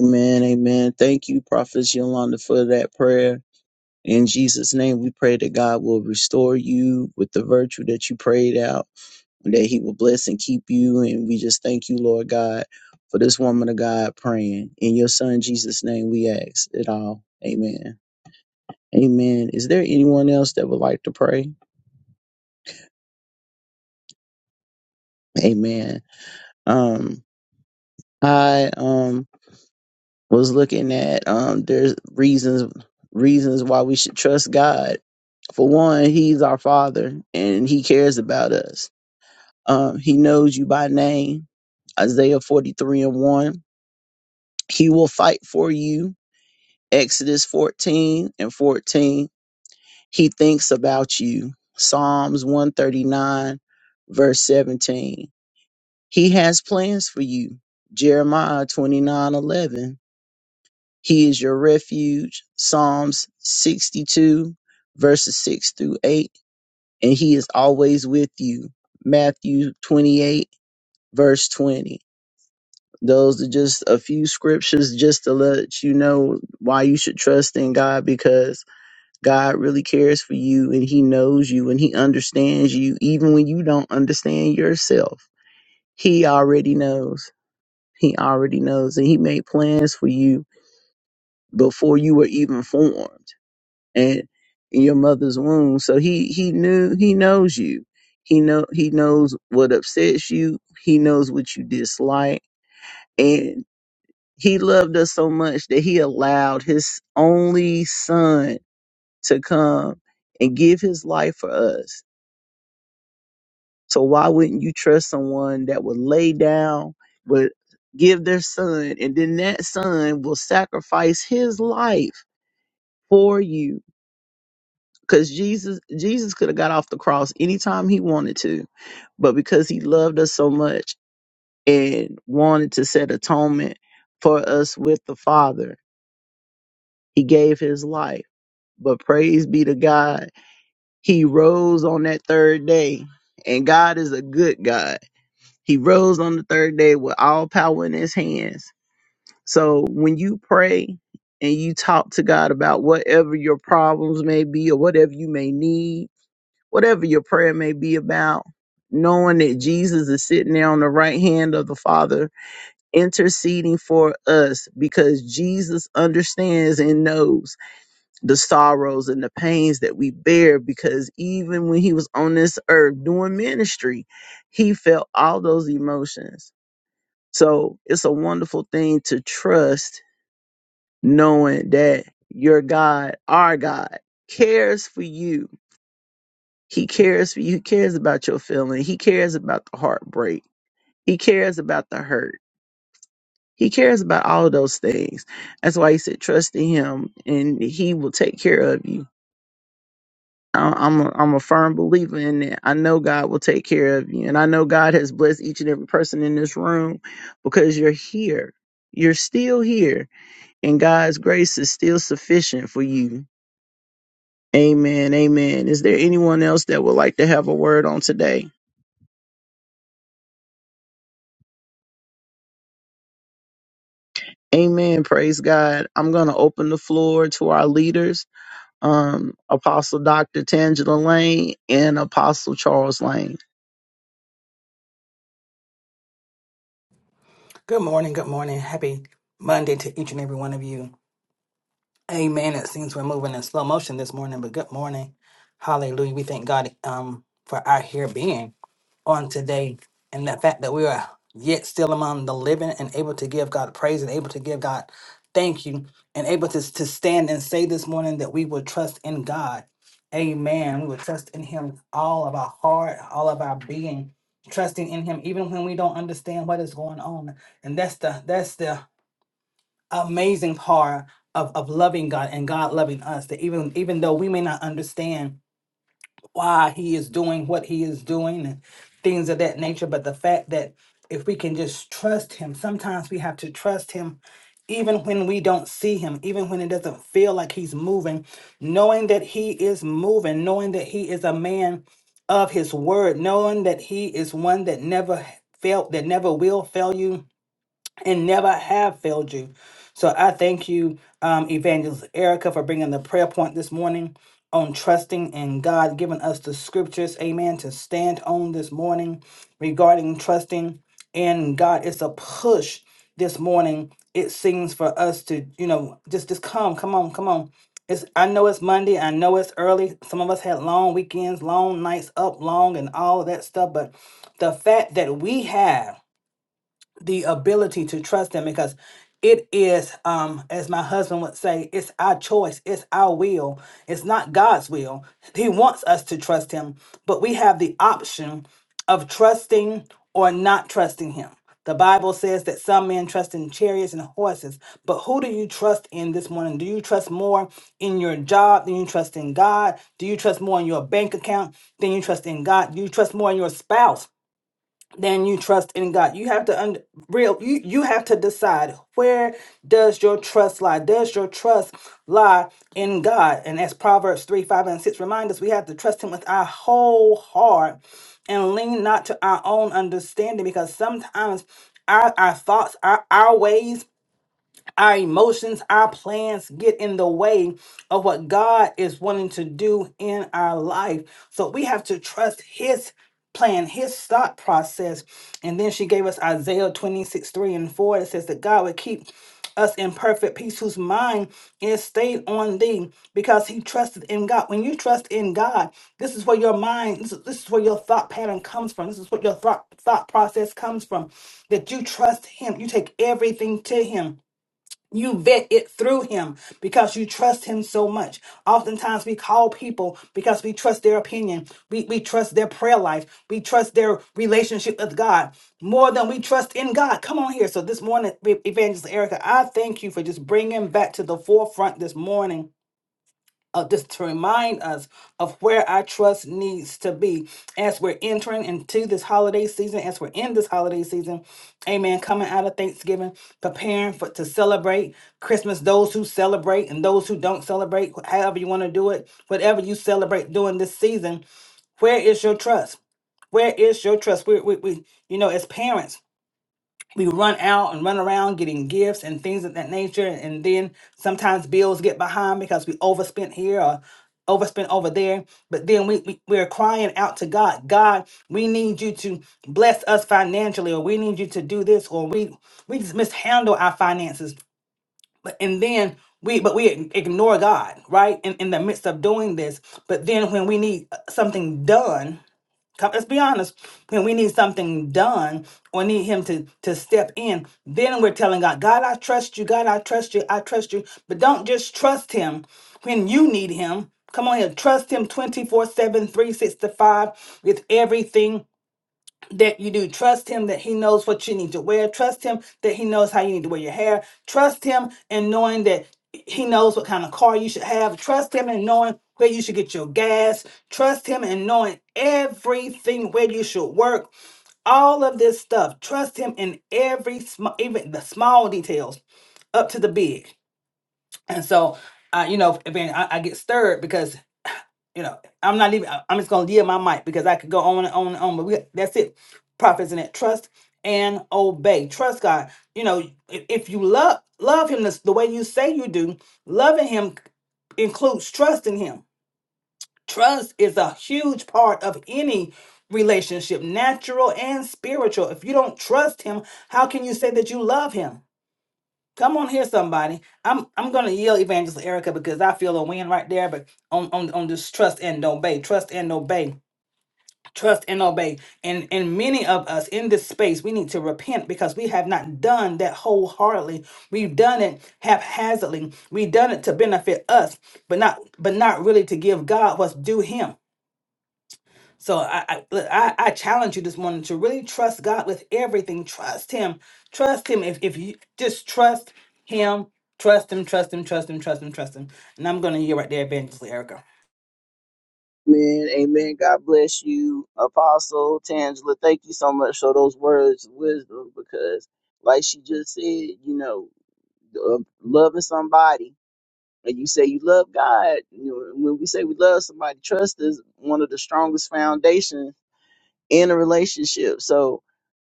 Amen. Amen. Thank you, Prophet Yolanda, for that prayer. In Jesus' name, we pray that God will restore you with the virtue that you prayed out, and that He will bless and keep you. And we just thank you, Lord God, for this woman of God praying. In your Son, Jesus' name, we ask it all. Amen. Amen. Is there anyone else that would like to pray? Amen. Um, I, um. was looking at um there's reasons reasons why we should trust God. For one, he's our father and he cares about us. Um he knows you by name. Isaiah 43 and 1. He will fight for you. Exodus 14 and 14. He thinks about you. Psalms 139 verse 17. He has plans for you. Jeremiah 29:11. He is your refuge. Psalms 62, verses 6 through 8. And he is always with you. Matthew 28, verse 20. Those are just a few scriptures just to let you know why you should trust in God because God really cares for you and he knows you and he understands you even when you don't understand yourself. He already knows. He already knows and he made plans for you before you were even formed and in your mother's womb. So he he knew he knows you. He know he knows what upsets you. He knows what you dislike, and he loved us so much that he allowed his only son to come and give his life for us. So why wouldn't you trust someone that would lay down, would give their son, and then that son will sacrifice his life for you? because Jesus Jesus could have got off the cross anytime he wanted to, but because he loved us so much and wanted to set atonement for us with the Father, he gave his life. But praise be to God, he rose on that third day, and God is a good God. He rose on the third day with all power in his hands. So when you pray and you talk to God about whatever your problems may be or whatever you may need, whatever your prayer may be about, knowing that Jesus is sitting there on the right hand of the Father, interceding for us because Jesus understands and knows the sorrows and the pains that we bear. Because even when he was on this earth doing ministry, he felt all those emotions. So it's a wonderful thing to trust knowing that your God, our God, cares for you He cares for you. He cares about your feeling. He cares about the heartbreak. He cares about the hurt. He cares about all of those things. That's why he said, trust in him and he will take care of you. I- I'm a, I'm a firm believer in that. I know God will take care of you. And I know God has blessed each and every person in this room because you're here. You're still here and God's grace is still sufficient for you. Amen. Amen. Is there anyone else that would like to have a word on today? Amen. Praise God. I'm going to open the floor to our leaders, um, Apostle Dr. Tangela Lane and Apostle Charles Lane.
Good morning, good morning. Happy Monday to each and every one of you. Amen. It seems we're moving in slow motion this morning, but good morning. Hallelujah. We thank God um, for our here being on today and the fact that we are yet still among the living and able to give God praise and able to give God thank you and able to, to stand and say this morning that we will trust in God. Amen. We will trust in Him all of our heart, all of our being, trusting in Him even when we don't understand what is going on. And that's the that's the amazing part of, of loving God and God loving us. That even even though we may not understand why he is doing what he is doing and things of that nature. But the fact that if we can just trust him, sometimes we have to trust him even when we don't see him, even when it doesn't feel like he's moving, knowing that he is moving, knowing that he is a man of his word, knowing that he is one that never failed, that never will fail you and never have failed you. So I thank you, um, Evangelist Erica, for bringing the prayer point this morning on trusting in God, giving us the scriptures, amen, to stand on this morning regarding trusting in God. It's a push this morning, it seems, for us to, you know, just, just come, come on, come on. It's, I know it's Monday. I know it's early. Some of us had long weekends, long nights up, long, and all that stuff. But the fact that we have the ability to trust him because it is um as my husband would say it's our choice it's our will it's not god's will he wants us to trust him but we have the option of trusting or not trusting him the bible says that some men trust in chariots and horses but who do you trust in this morning do you trust more in your job than you trust in god do you trust more in your bank account than you trust in god do you trust more in your spouse than you trust in God. You have to un- real you you have to decide where does your trust lie? Does your trust lie in God? And as Proverbs 3, 5, and 6 remind us, we have to trust him with our whole heart and lean not to our own understanding because sometimes our, our thoughts, our, our ways our emotions, our plans get in the way of what God is wanting to do in our life. So we have to trust His plan, His thought process. And then she gave us Isaiah 26 3 and 4 It says that God would keep us in perfect peace, whose mind is stayed on thee because he trusted in God. When you trust in God, this is where your mind, this is, this is where your thought pattern comes from. This is what your thought, thought process comes from. That you trust him, you take everything to him you vet it through him because you trust him so much. Oftentimes we call people because we trust their opinion. We, we trust their prayer life. We trust their relationship with God more than we trust in God. Come on here. So this morning, E-, Evangelist Erica, I thank you for just bringing back to the forefront this morning uh, just to remind us of where our trust needs to be as we're entering into this holiday season, as we're in this holiday season. Amen. Coming out of Thanksgiving, preparing for to celebrate Christmas. Those who celebrate and those who don't celebrate, however you want to do it, whatever you celebrate during this season, where is your trust? Where is your trust? We, we, we you know, as parents we run out and run around getting gifts and things of that nature and then sometimes bills get behind because we overspent here or overspent over there but then we, we we're crying out to god god we need you to bless us financially or we need you to do this or we we just mishandle our finances But- and then we but we ig- ignore god right in, in the midst of doing this but then when we need uh, something done Come, let's be honest. When we need something done or need him to to step in, then we're telling God, God, I trust you. God, I trust you. I trust you. But don't just trust him when you need him. Come on here. Trust him twenty four seven, three sixty five, with everything that you do. Trust him that he knows what you need to wear. Trust him that he knows how you need to wear your hair. Trust him in knowing that he knows what kind of car you should have. Trust him in knowing where you should get your gas. Trust him in knowing everything where you should work. All of this stuff. Trust him in every small, even the small details up to the big. And so, uh, you know, again, I, I get stirred because you know, I'm not even. I- I'm just gonna yield my mic because I could go on and on and on. But we, that's it. Prophets in it. Trust and obey. Trust God. You know, if, if you love love Him this, the way you say you do, loving Him includes trusting Him. Trust is a huge part of any relationship, natural and spiritual. If you don't trust Him, how can you say that you love Him? Come on here, somebody. I'm I'm gonna yell Evangelist Erica because I feel a win right there, but on on, on this trust and obey, trust and obey. Trust and obey. And and many of us in this space, we need to repent because we have not done that wholeheartedly. We've done it haphazardly. We've done it to benefit us, but not but not really to give God what's due him. So I, I look, I I challenge you this morning to really trust God with everything. Trust Him. Trust Him. If if you just trust Him, trust Him, trust Him, trust Him, trust Him, trust Him. And I'm gonna hear right there, Evangelist Erica.
Amen. Amen. God bless you, Apostle Tangela. Thank you so much for those words of wisdom because, like she just said, you know, uh, loving somebody and you say you love God, you know, when we say we love somebody, trust is one of the strongest foundations in a relationship. So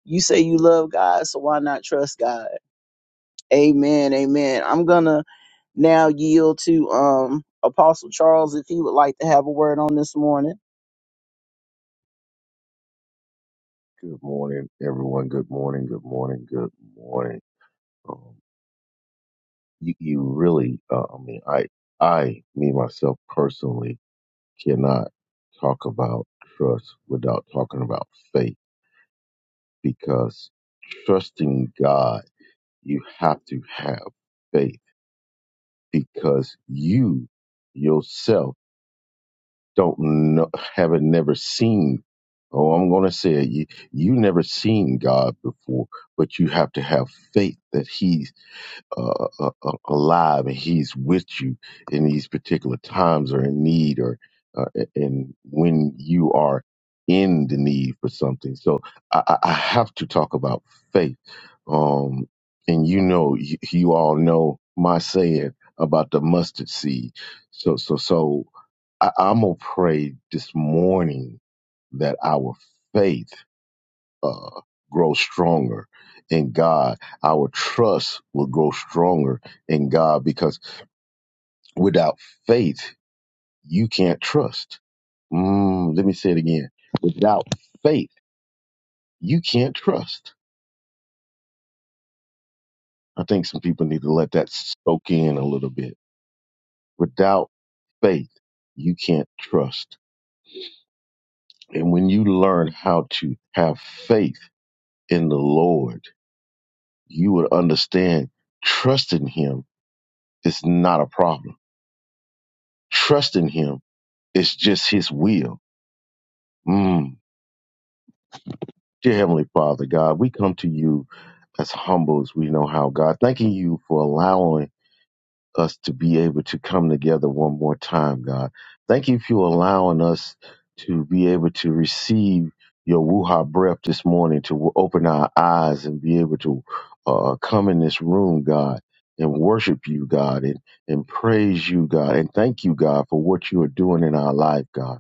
you say you love God, so why not trust God? Amen, amen. I'm gonna now yield to um Apostle Charles if he would like to have a word on this morning.
Good morning, everyone. Good morning. Good morning. Good morning. Um, you, you really, uh, I mean, I, I, me myself personally cannot talk about trust without talking about faith because trusting God, you have to have faith because you yourself don't know, haven't never seen. Oh, I'm going to say it. You, you never seen God before, but you have to have faith that He's uh, uh, uh, alive and he's with you in these particular times or in need or uh, and when you are in the need for something so i, I I have to talk about faith um, and you know you, you all know my saying about the mustard seed so so so I, i'm gonna pray this morning that our faith uh, grow stronger in God. Our trust will grow stronger in God because without faith, you can't trust. Mm, let me say it again. Without faith, you can't trust. I think some people need to let that soak in a little bit. Without faith, you can't trust. And when you learn how to have faith in the Lord, you would understand trusting Him is not a problem. Trusting Him It's just His will. Mm. Dear Heavenly Father, God, we come to you as humble as we know how, God. Thanking you for allowing us to be able to come together one more time, God. Thank you for allowing us to be able to receive your Wuha breath this morning, to open our eyes and be able to uh, come in this room, God, and worship you, God, and, and praise you, God, and thank you, God, for what you are doing in our life, God.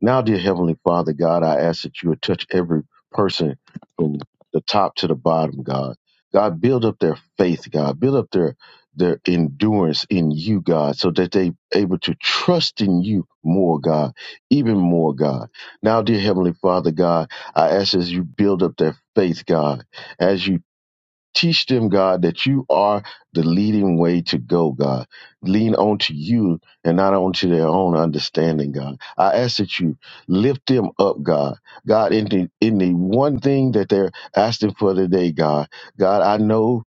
Now, dear Heavenly Father, God, I ask that you would touch every person from the top to the bottom, God. God, build up their faith, God. Build up their their endurance in you, God, so that they able to trust in you more, God, even more, God. Now, dear Heavenly Father, God, I ask as you build up their faith, God, as you Teach them, God, that you are the leading way to go, God. Lean onto you and not onto their own understanding, God. I ask that you lift them up, God. God, in the, in the one thing that they're asking for today, God. God, I know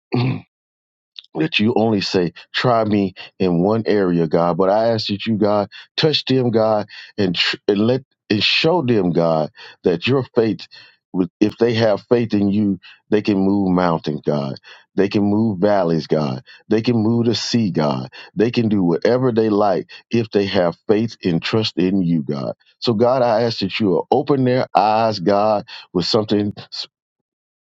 that you only say, try me in one area, God. But I ask that you, God, touch them, God, and, tr- and let and show them, God, that your faith, with- if they have faith in you, they can move mountains, God. They can move valleys, God. They can move the sea, God. They can do whatever they like if they have faith and trust in you, God. So, God, I ask that you will open their eyes, God, with something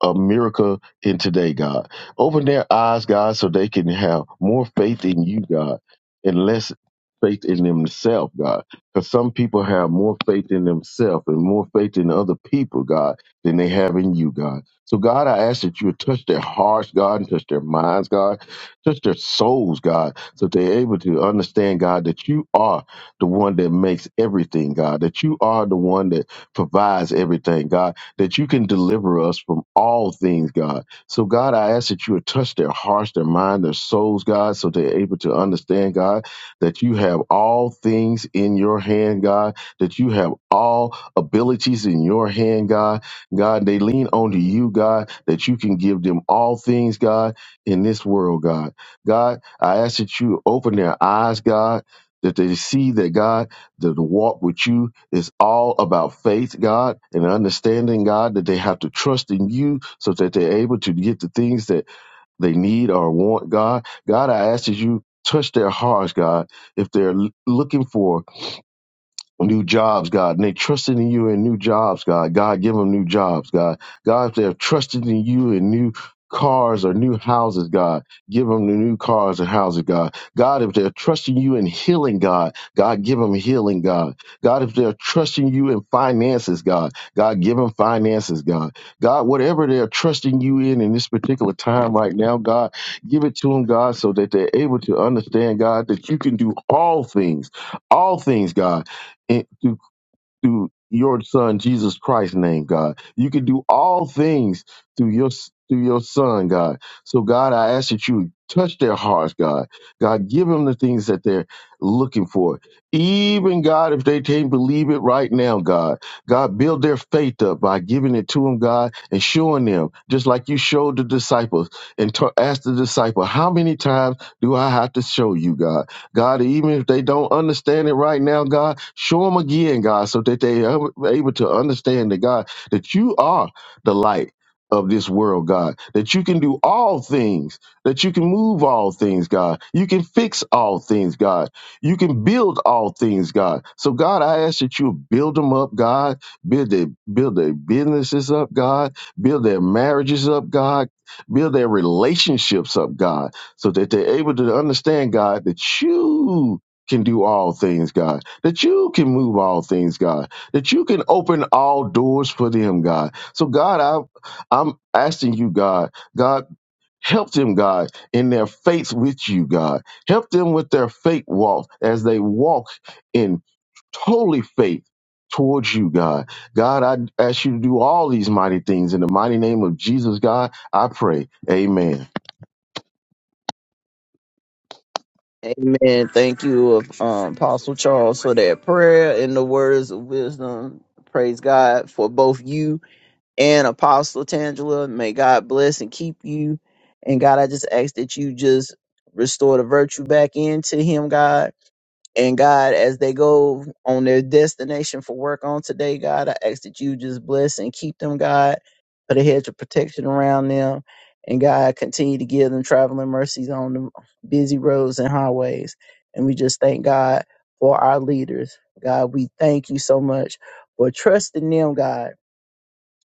America in today, God. Open their eyes, God, so they can have more faith in you, God, and less faith in themselves, God. Because some people have more faith in themselves and more faith in other people, God, than they have in you, God. So, God, I ask that you would touch their hearts, God, and touch their minds, God, touch their souls, God, so they're able to understand, God, that you are the one that makes everything, God, that you are the one that provides everything, God that you can deliver us from all things, God. So, God, I ask that you would touch their hearts, their mind, their souls, God, so they're able to understand, God, that you have all things in your hand, God, that you have all abilities in your hand, God. God, they lean onto you, God, that you can give them all things, God, in this world, God. God, I ask that you open their eyes, God, that they see that, God, that the walk with you it's all about faith, God, and understanding, God, that they have to trust in you so that they're able to get the things that they need or want, God. God, I ask that you touch their hearts, God, if they're l- looking for new jobs, God, and they trusted in you in new jobs, God. God, give them new jobs, God. God, if they're trusting in you in new cars or new houses, God, give them the new cars or houses, God. God, if they're trusting you in healing, God, God, give them healing, God. God, if they're trusting you in finances, God, God, give them finances, God. God, whatever they're trusting you in in this particular time right now, God, give it to them, God, so that they're able to understand, God, that you can do all things, all things, God in, through, through your son Jesus Christ's name, God. You can do all things through your through your son, God. So God, I ask that you touch their hearts, God. God, give them the things that they're looking for. Even God, if they can't believe it right now, God, God, build their faith up by giving it to them, God, and showing them, just like you showed the disciples and t- asked the disciple, how many times do I have to show you, God? God, even if they don't understand it right now, God, show them again, God, so that they are able to understand that, God, that you are the light of this world, God, that you can do all things, that you can move all things, God, you can fix all things, God, you can build all things, God. So, God, I ask that you build them up, God, build their, build their businesses up, God, build their marriages up, God, build their relationships up, God so that they're able to understand, God, that you can do all things, God, that you can move all things, God, that you can open all doors for them, God. So, God, I, I'm asking you, God, God, help them, God, in their faith with you, God. Help them with their faith walk as they walk in totally faith. Towards you, God. God, I ask you to do all these mighty things. In the mighty name of Jesus, God, I pray. Amen.
Amen. Thank you, um, Apostle Charles, for that prayer and the words of wisdom. Praise God for both you and Apostle Tangela. May God bless and keep you. And God, I just ask that you just restore the virtue back into him, God. And God, as they go on their destination for work on today, God, I ask that you just bless and keep them, God. Put a hedge of protection around them. And God, continue to give them traveling mercies on the busy roads and highways. And we just thank God for our leaders. God, we thank you so much for trusting them, God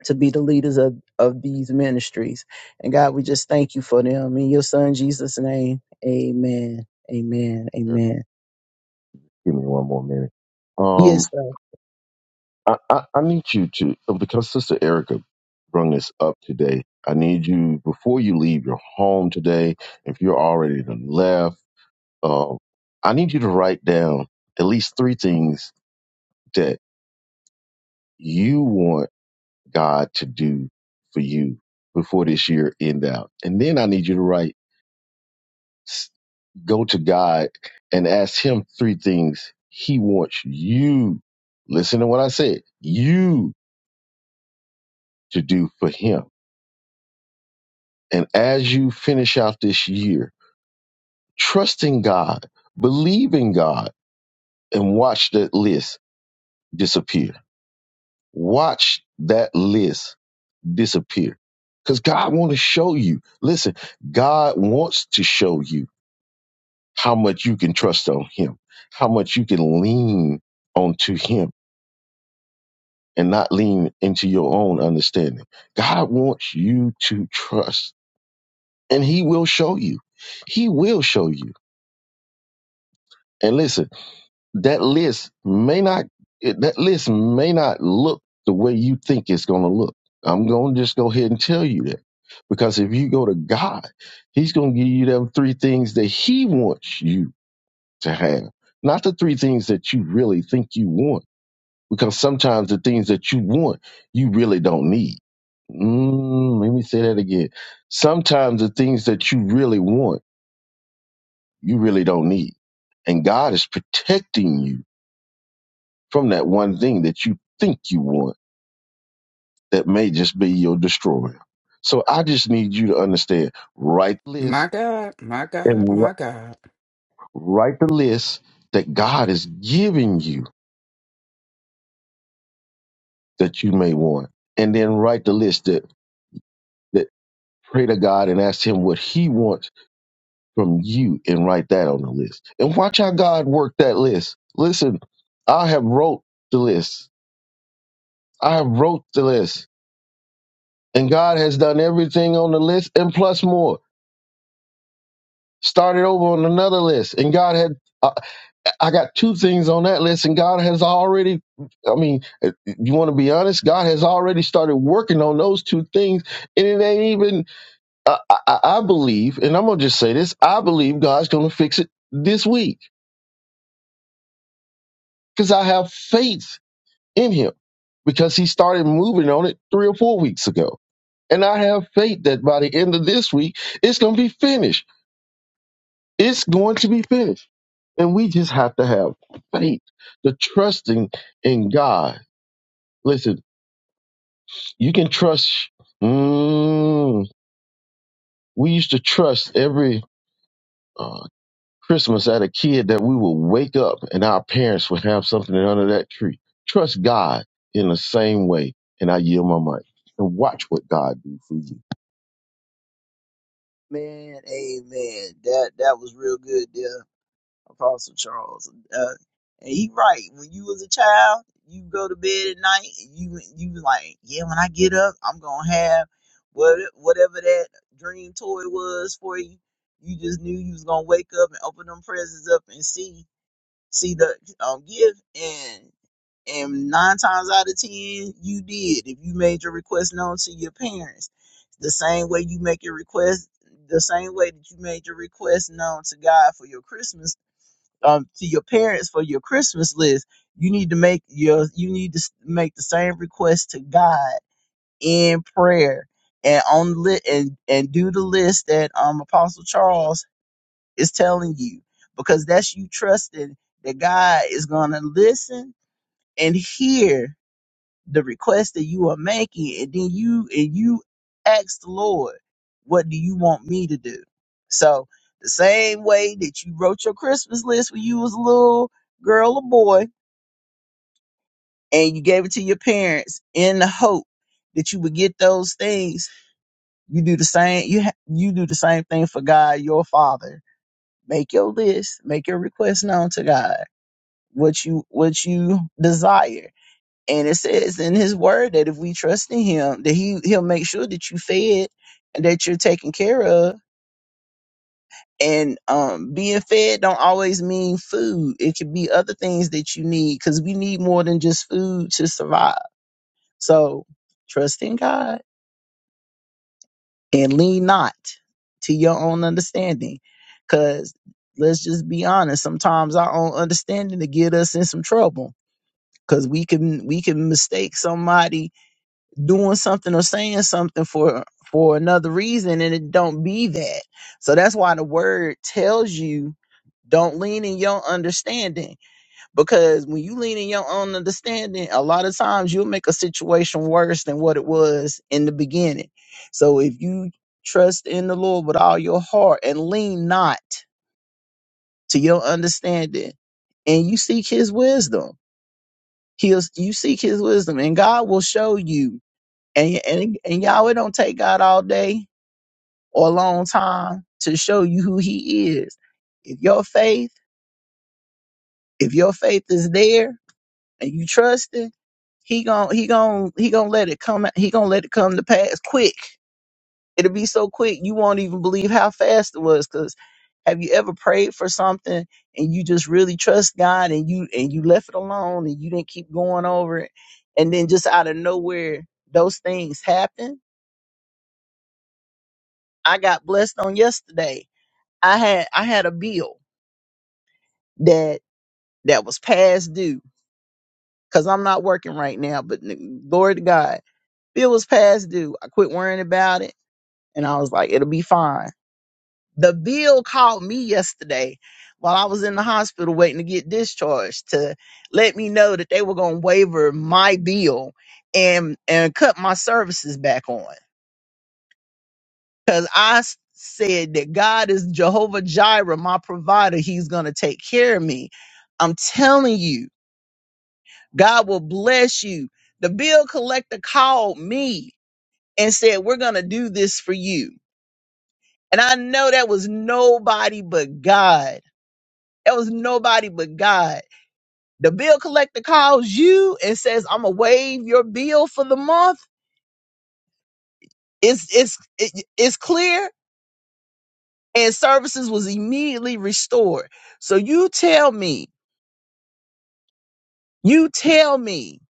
to be the leaders of, of these ministries. And God, we just thank you for them. In your son Jesus' name, amen. Amen. Amen.
Give me one more minute. Um,
Yes, sir.
I, I, I need you to because Sister Erica brung this up today. I need you before you leave your home today. If you're already to left, um, I need you to write down at least three things that you want God to do for you before this year end out, and then I need you to write, s- go to God and ask Him three things He wants you. Listen to what I said. You to do for him. And as you finish out this year, trust in God, believe in God, and watch that list disappear. Watch that list disappear. Because God wants to show you. Listen, God wants to show you how much you can trust on him, how much you can lean onto him and not lean into your own understanding. God wants you to trust and he will show you. He will show you. And listen, that list may not it, that list may not look the way you think it's going to look. I'm going to just go ahead and tell you that because if you go to God, He's going to give you them three things that He wants you to have, not the three things that you really think you want. Because sometimes the things that you want, you really don't need. Mm, let me say that again. Sometimes the things that you really want, you really don't need. And God is protecting you from that one thing that you think you want that may just be your destroyer. So I just need you to understand write the
My
list
God, my
and
God,
wri-
my God.
write the list that God is giving you that you may want. And then write the list that, that pray to God and ask Him what He wants from you and write that on the list. And watch how God worked that list. Listen, I have wrote the list. I have wrote the list. And God has done everything on the list and plus more. started over on another list and god had uh, i got two things on that list and god has already i mean uh, you want to be honest god has already started working on those two things and it ain't even uh, I, I I believe and i'm gonna just say this i believe god's gonna fix it this week because i have faith in him because he started moving on it three or four weeks ago and i have faith that by the end of this week it's gonna be finished it's going to be finished And we just have to have faith, the trusting in God. Listen, you can trust. Mm, we used to trust every uh, Christmas as a kid that we would wake up and our parents would have something under that tree. Trust God in the same way. And I yield my mic and watch what God do for you.
Man, amen. That that was real good there, Apostle Charles. Uh, and he right. When you was a child, you go to bed at night and you you was like, Yeah, when I get up, I'm gonna have what whatever that dream toy was for you. You just knew you was gonna wake up and open them presents up and see See the um give and and nine times out of ten you did if you made your request known to your parents. The same way you make your request the same way that you made your request known to God for your Christmas um to your parents for your Christmas list, you need to make your you need to s- make the same request to God in prayer and on the li- and and do the list that um Apostle Charles is telling you because that's you trusting that God is going to listen and hear the request that you are making and then you and you ask the Lord, what do you want me to do? So the same way that you wrote your Christmas list when you was a little girl or boy and you gave it to your parents in the hope that you would get those things, you do the same you ha- you do the same thing for God, your father. Make your list, make your request known to God what you what you desire. And it says in his word that if we trust in him, that he he'll make sure that you fed and that you're taken care of. And um, being fed don't always mean food. It could be other things that you need because we need more than just food to survive. So trust in God and lean not to your own understanding, because let's just be honest. Sometimes our own understanding to get us in some trouble because we can we can mistake somebody doing something or saying something for for another reason and it don't be that so that's why the word tells you don't lean in your understanding because when you lean in your own understanding a lot of times you'll make a situation worse than what it was in the beginning so if you trust in the lord with all your heart and lean not to your understanding and you seek his wisdom He'll you seek his wisdom and God will show you. And and and y'all, it don't take God all day or a long time to show you who he is. If your faith, if your faith is there and you trust it, he gon' he gon' he gon' let it come he gon' let it come to pass quick. It'll be so quick you won't even believe how fast it was 'cause Have you ever prayed for something and you just really trust God and you and you left it alone and you didn't keep going over it and then just out of nowhere those things happen? I got blessed on yesterday. I had I had a bill that that was past due cuz I'm not working right now, but n- glory to God. Bill was past due. I quit worrying about it and I was like it'll be fine The bill called me yesterday while I was in the hospital waiting to get discharged to let me know that they were going to waiver my bill and and cut my services back on cuz I s- said that God is Jehovah Jireh, my provider. He's going to take care of me. I'm telling you, God will bless you. The bill collector called me and said, "We're going to do this for you." And I know that was nobody but God It was nobody but God. The bill collector calls you and says, "I'm gonna waive your bill for the month." It's it's it- it's clear, and services was immediately restored. So you tell me, you tell me,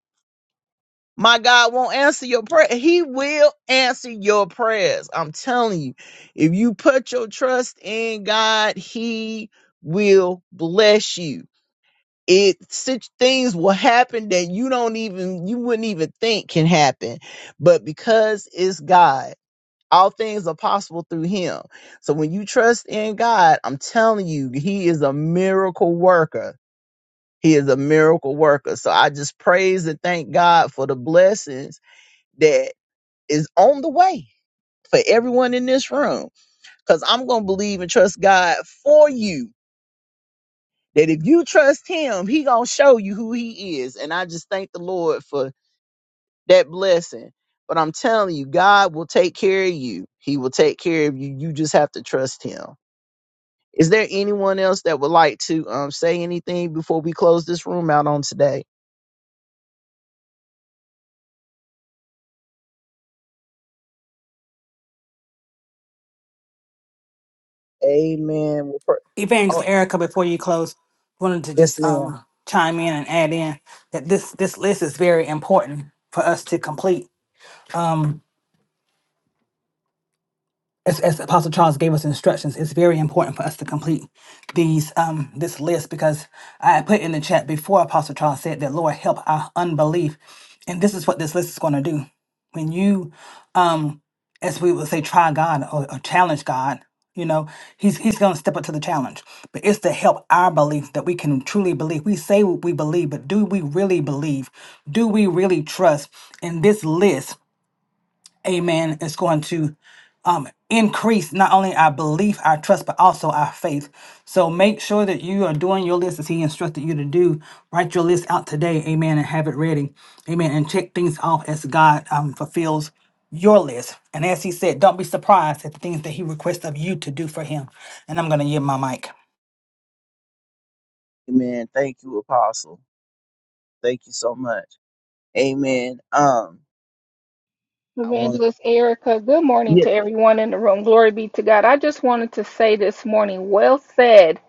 my God won't answer your prayer. He will answer your prayers. I'm telling you, if you put your trust in God, He will bless you. it such things will happen that you don't even you wouldn't even think can happen but because it's god all things are possible through him so when you trust in god i'm telling you he is a miracle worker he is a miracle worker so i just praise and thank god for the blessings that is on the way for everyone in this room because i'm gonna believe and trust god for you that if you trust him, he gonna show you who he is. And I just thank the Lord for that blessing. But I'm telling you, God will take care of you. He will take care of you. You just have to trust him. Is there anyone else that would like to um say anything before we close this room out on today? Amen. We'll pray.
Evangelist
Oh,
Erica, before you close, wanted to
yes,
just
ma'am.
um chime in and add in that this this list is very important for us to complete as, as Apostle Charles gave us instructions, it's very important for us to complete these um this list because I had put in the chat before Apostle Charles said that Lord help our unbelief. And this is what this list is going to do. When you um as we would say try God or, or challenge God, you know, he's he's going to step up to the challenge. But it's to help our belief that we can truly believe. We say what we believe, but do we really believe? Do we really trust in this list? amen, is going to um, increase not only our belief, our trust, but also our faith. So make sure that you are doing your list as he instructed you to do. Write your list out today, amen, and have it ready, amen, and check things off as God um, fulfills your list. And as he said, don't be surprised at the things that he requests of you to do for him. And I'm going to yield my mic.
Amen. Thank you, Apostle. Thank you so much. Amen. Um, I want.
Evangelist Erica, good morning to everyone in the room. Glory be to God. I just wanted to say this morning, well said.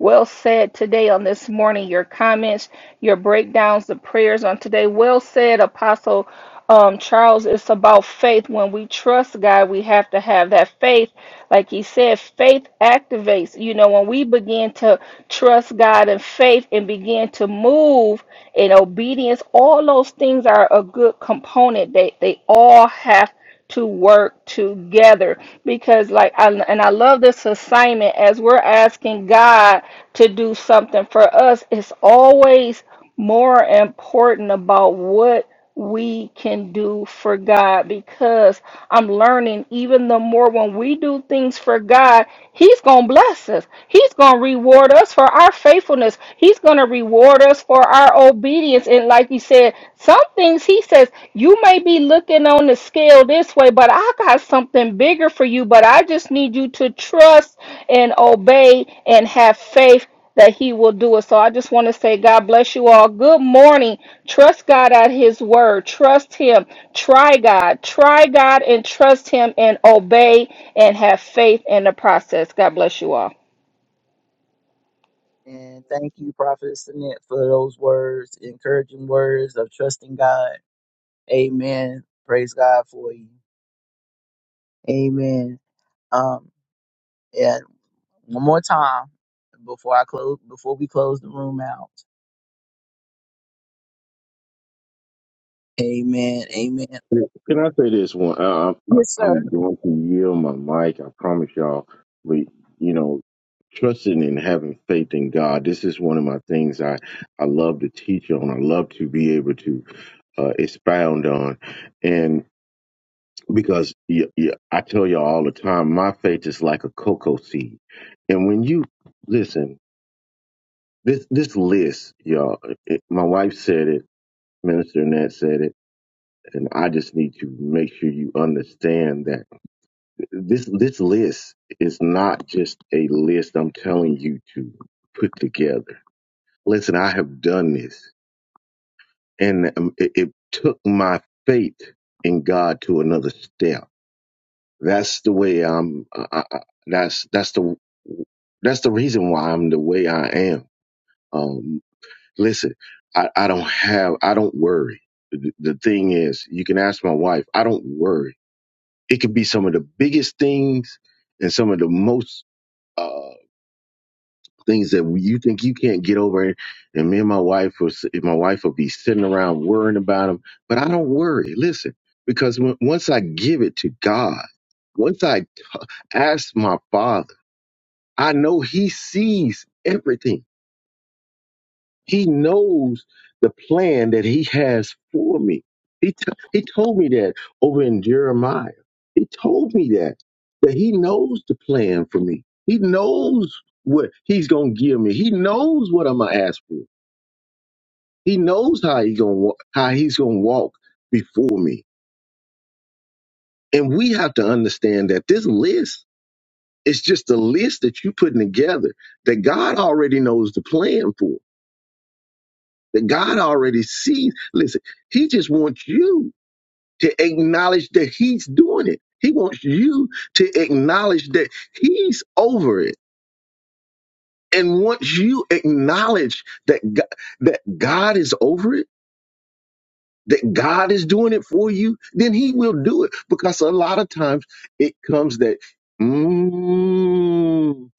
Well said today on this morning. Your comments, your breakdowns, the prayers on today. Well said, Apostle um, Charles. It's about faith. When we trust God, we have to have that faith. Like he said, faith activates. You know, when we begin to trust God in faith and begin to move in obedience, all those things are a good component. They they all have to work together because like I, and I love this assignment as we're asking God to do something for us it's always more important about what we can do for God because I'm learning even the more when we do things for God, He's going to bless us. He's going to reward us for our faithfulness. He's going to reward us for our obedience. And like he said, some things he says, you may be looking on the scale this way, but I got something bigger for you. But I just need you to trust and obey and have faith that he will do it. So I just want to say, God bless you all. Good morning. Trust God at his word. Trust him. Try God. Try God and trust him and obey and have faith in the process. God bless you all.
And thank you, Prophet Sinet, for those words, encouraging words of trusting God. Amen. Praise God for you. Amen. Um, and one more time before I close, before we close the room out. Amen. Amen.
Can I say this one? I, I,
Yes, sir.
I'm going to yield my mic. I promise y'all. We, you know, trusting and having faith in God. This is one of my things I, I love to teach on. I love to be able to uh, expound on, and because y y I I tell y'all all the time, my faith is like a cocoa seed, and when you listen, this this list, y'all. It, my wife said it. Minister Nat said it, and I just need to make sure you understand that this this list is not just a list I'm telling you to put together. Listen, I have done this, and um, it, it took my faith in God to another step. That's the way I'm. I, I, I- that's that's the that's the reason why I'm the way I am. Um, listen, I, I don't have I don't worry. The, the thing is, you can ask my wife. I don't worry. It could be some of the biggest things and some of the most. uh, things that you think you can't get over. And me and my wife was, my wife would be sitting around worrying about them, but I don't worry. Listen, because when, once I give it to God, once I ask my Father, I know He sees everything. He knows the plan that He has for me. He t- He told me that over in Jeremiah. He told me that that He knows the plan for me. He knows what he's gonna give me. He knows what I'm gonna ask for. He knows how he gonna wa- how he's gonna walk before me, and we have to understand that this list is just a list that you putting together that God already knows the plan for. That God already sees. Listen, He just wants you to acknowledge that He's doing it. He wants you to acknowledge that He's over it, and once you acknowledge that God, that God is over it that God is doing it for you, then He will do it. Because a lot of times it comes that, mm,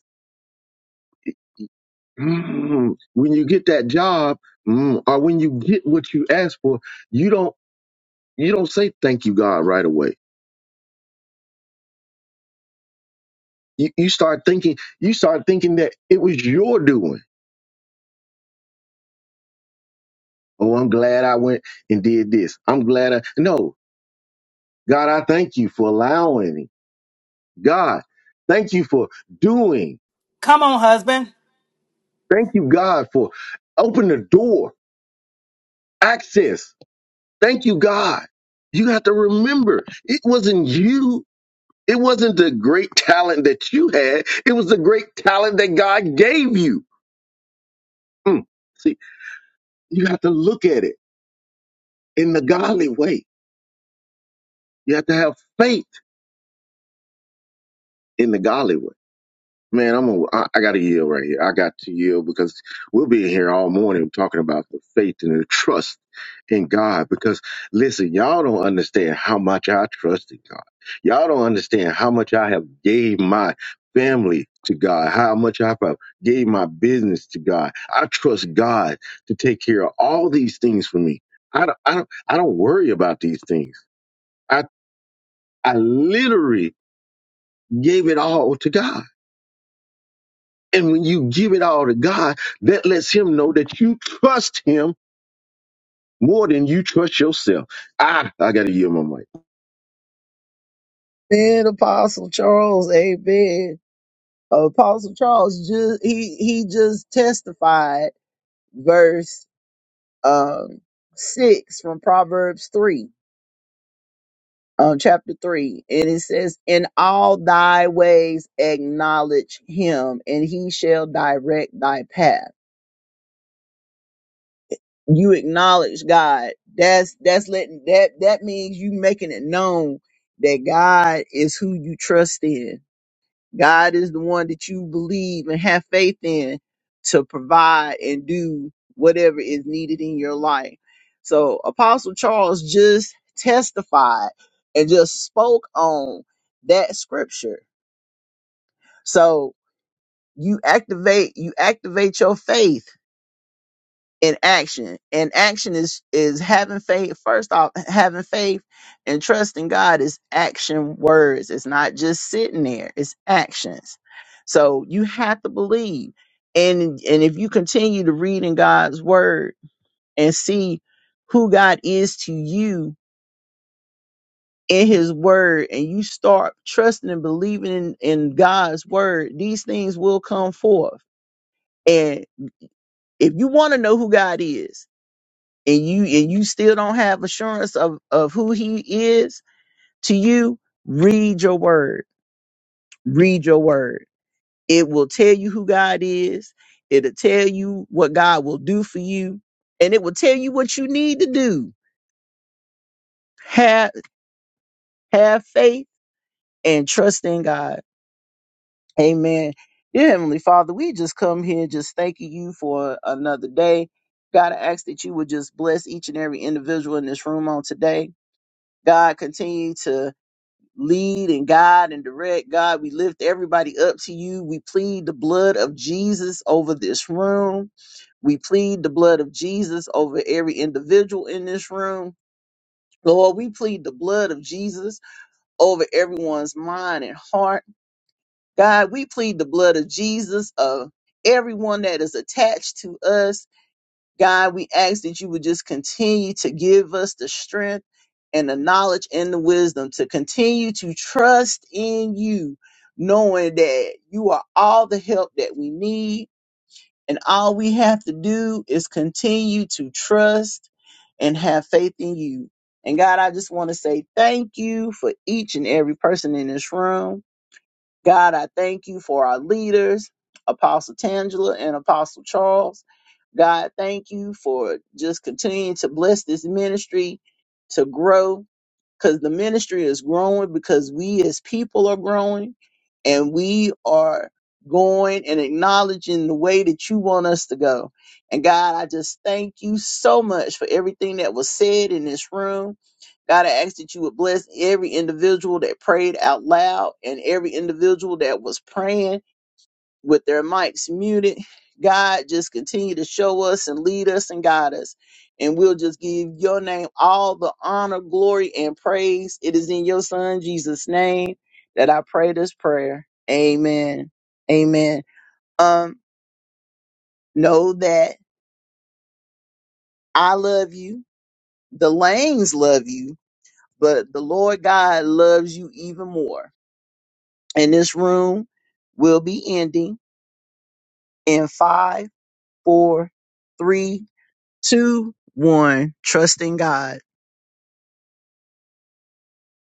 mm, when you get that job, mm, or when you get what you ask for, you don't you don't say thank you God right away. You, you start thinking you start thinking that it was your doing. Oh, I'm glad I went and did this. I'm glad I no God, I thank you for allowing me. God, thank you for doing.
Come on, husband.
Thank you God for open the door access. Thank you, God. You have to remember, it wasn't you. It wasn't the great *laughs* talent that you had. It was the great talent that God gave you. Mm. See, you have to look at it in the godly way. You have to have faith in the godly way. Man, I'm a, I, I got to yield right here. I got to yield because we'll be here all morning talking about the faith and the trust in God. Because listen, y'all don't understand how much I trust in God. Y'all don't understand how much I have gave my family to God. How much I have gave my business to God. I trust God to take care of all these things for me. I don't, I don't, I don't worry about these things. I, I literally gave it all to God. And when you give it all to God, that lets him know that you trust him more than you trust yourself. I, I got to yield my mic.
And Apostle Charles, amen. Apostle Charles just he he just testified verse um six from Proverbs three uh, chapter 3 and it says in all thy ways acknowledge him and he shall direct thy path you acknowledge god that's that's letting that that means you making it known that god is who you trust in God is the one that you believe and have faith in to provide and do whatever is needed in your life. So Apostle Charles just testified and just spoke on that scripture. So you activate you activate your faith in action. And action is is having faith. First off, having faith and trusting God is action words. It's not just sitting there. It's actions. So you have to believe. And and if you continue to read in God's word and see who God is to you in his word and you start trusting and believing in, in God's word, these things will come forth. And if you want to know who God is, and you and you still don't have assurance of of who he is to you read your word read your word it will tell you who god is it'll tell you what god will do for you and it will tell you what you need to do have have faith and trust in god amen dear heavenly father we just come here just thanking you for another day god i ask that you would just bless each and every individual in this room on today god continue to lead and guide and direct. God, we lift everybody up to you. We plead the blood of Jesus over this room. We plead the blood of Jesus over every individual in this room. Lord, we plead the blood of Jesus over everyone's mind and heart. God, we plead the blood of Jesus of everyone that is attached to us God, we ask that you would just continue to give us the strength and the knowledge and the wisdom to continue to trust in you, knowing that you are all the help that we need. And all we have to do is continue to trust and have faith in you. And God, I just want to say thank you for each and every person in this room. God, I thank you for our leaders, Apostle Tangela and Apostle Charles. God, thank you for just continuing to bless this ministry to grow because the ministry is growing because we as people are growing and we are going and acknowledging the way that you want us to go. And God, I just thank you so much for everything that was said in this room. God, I ask that you would bless every individual that prayed out loud and every individual that was praying with their mics muted. God, just continue to show us and lead us and guide us. And we'll just give your name all the honor, glory, and praise. It is in your son, Jesus' name, that I pray this prayer. Amen. Amen. Um, know that I love you. The Lanes love you, but the Lord God loves you even more. And this room will be ending in five, four, three, two, one. Trust in God.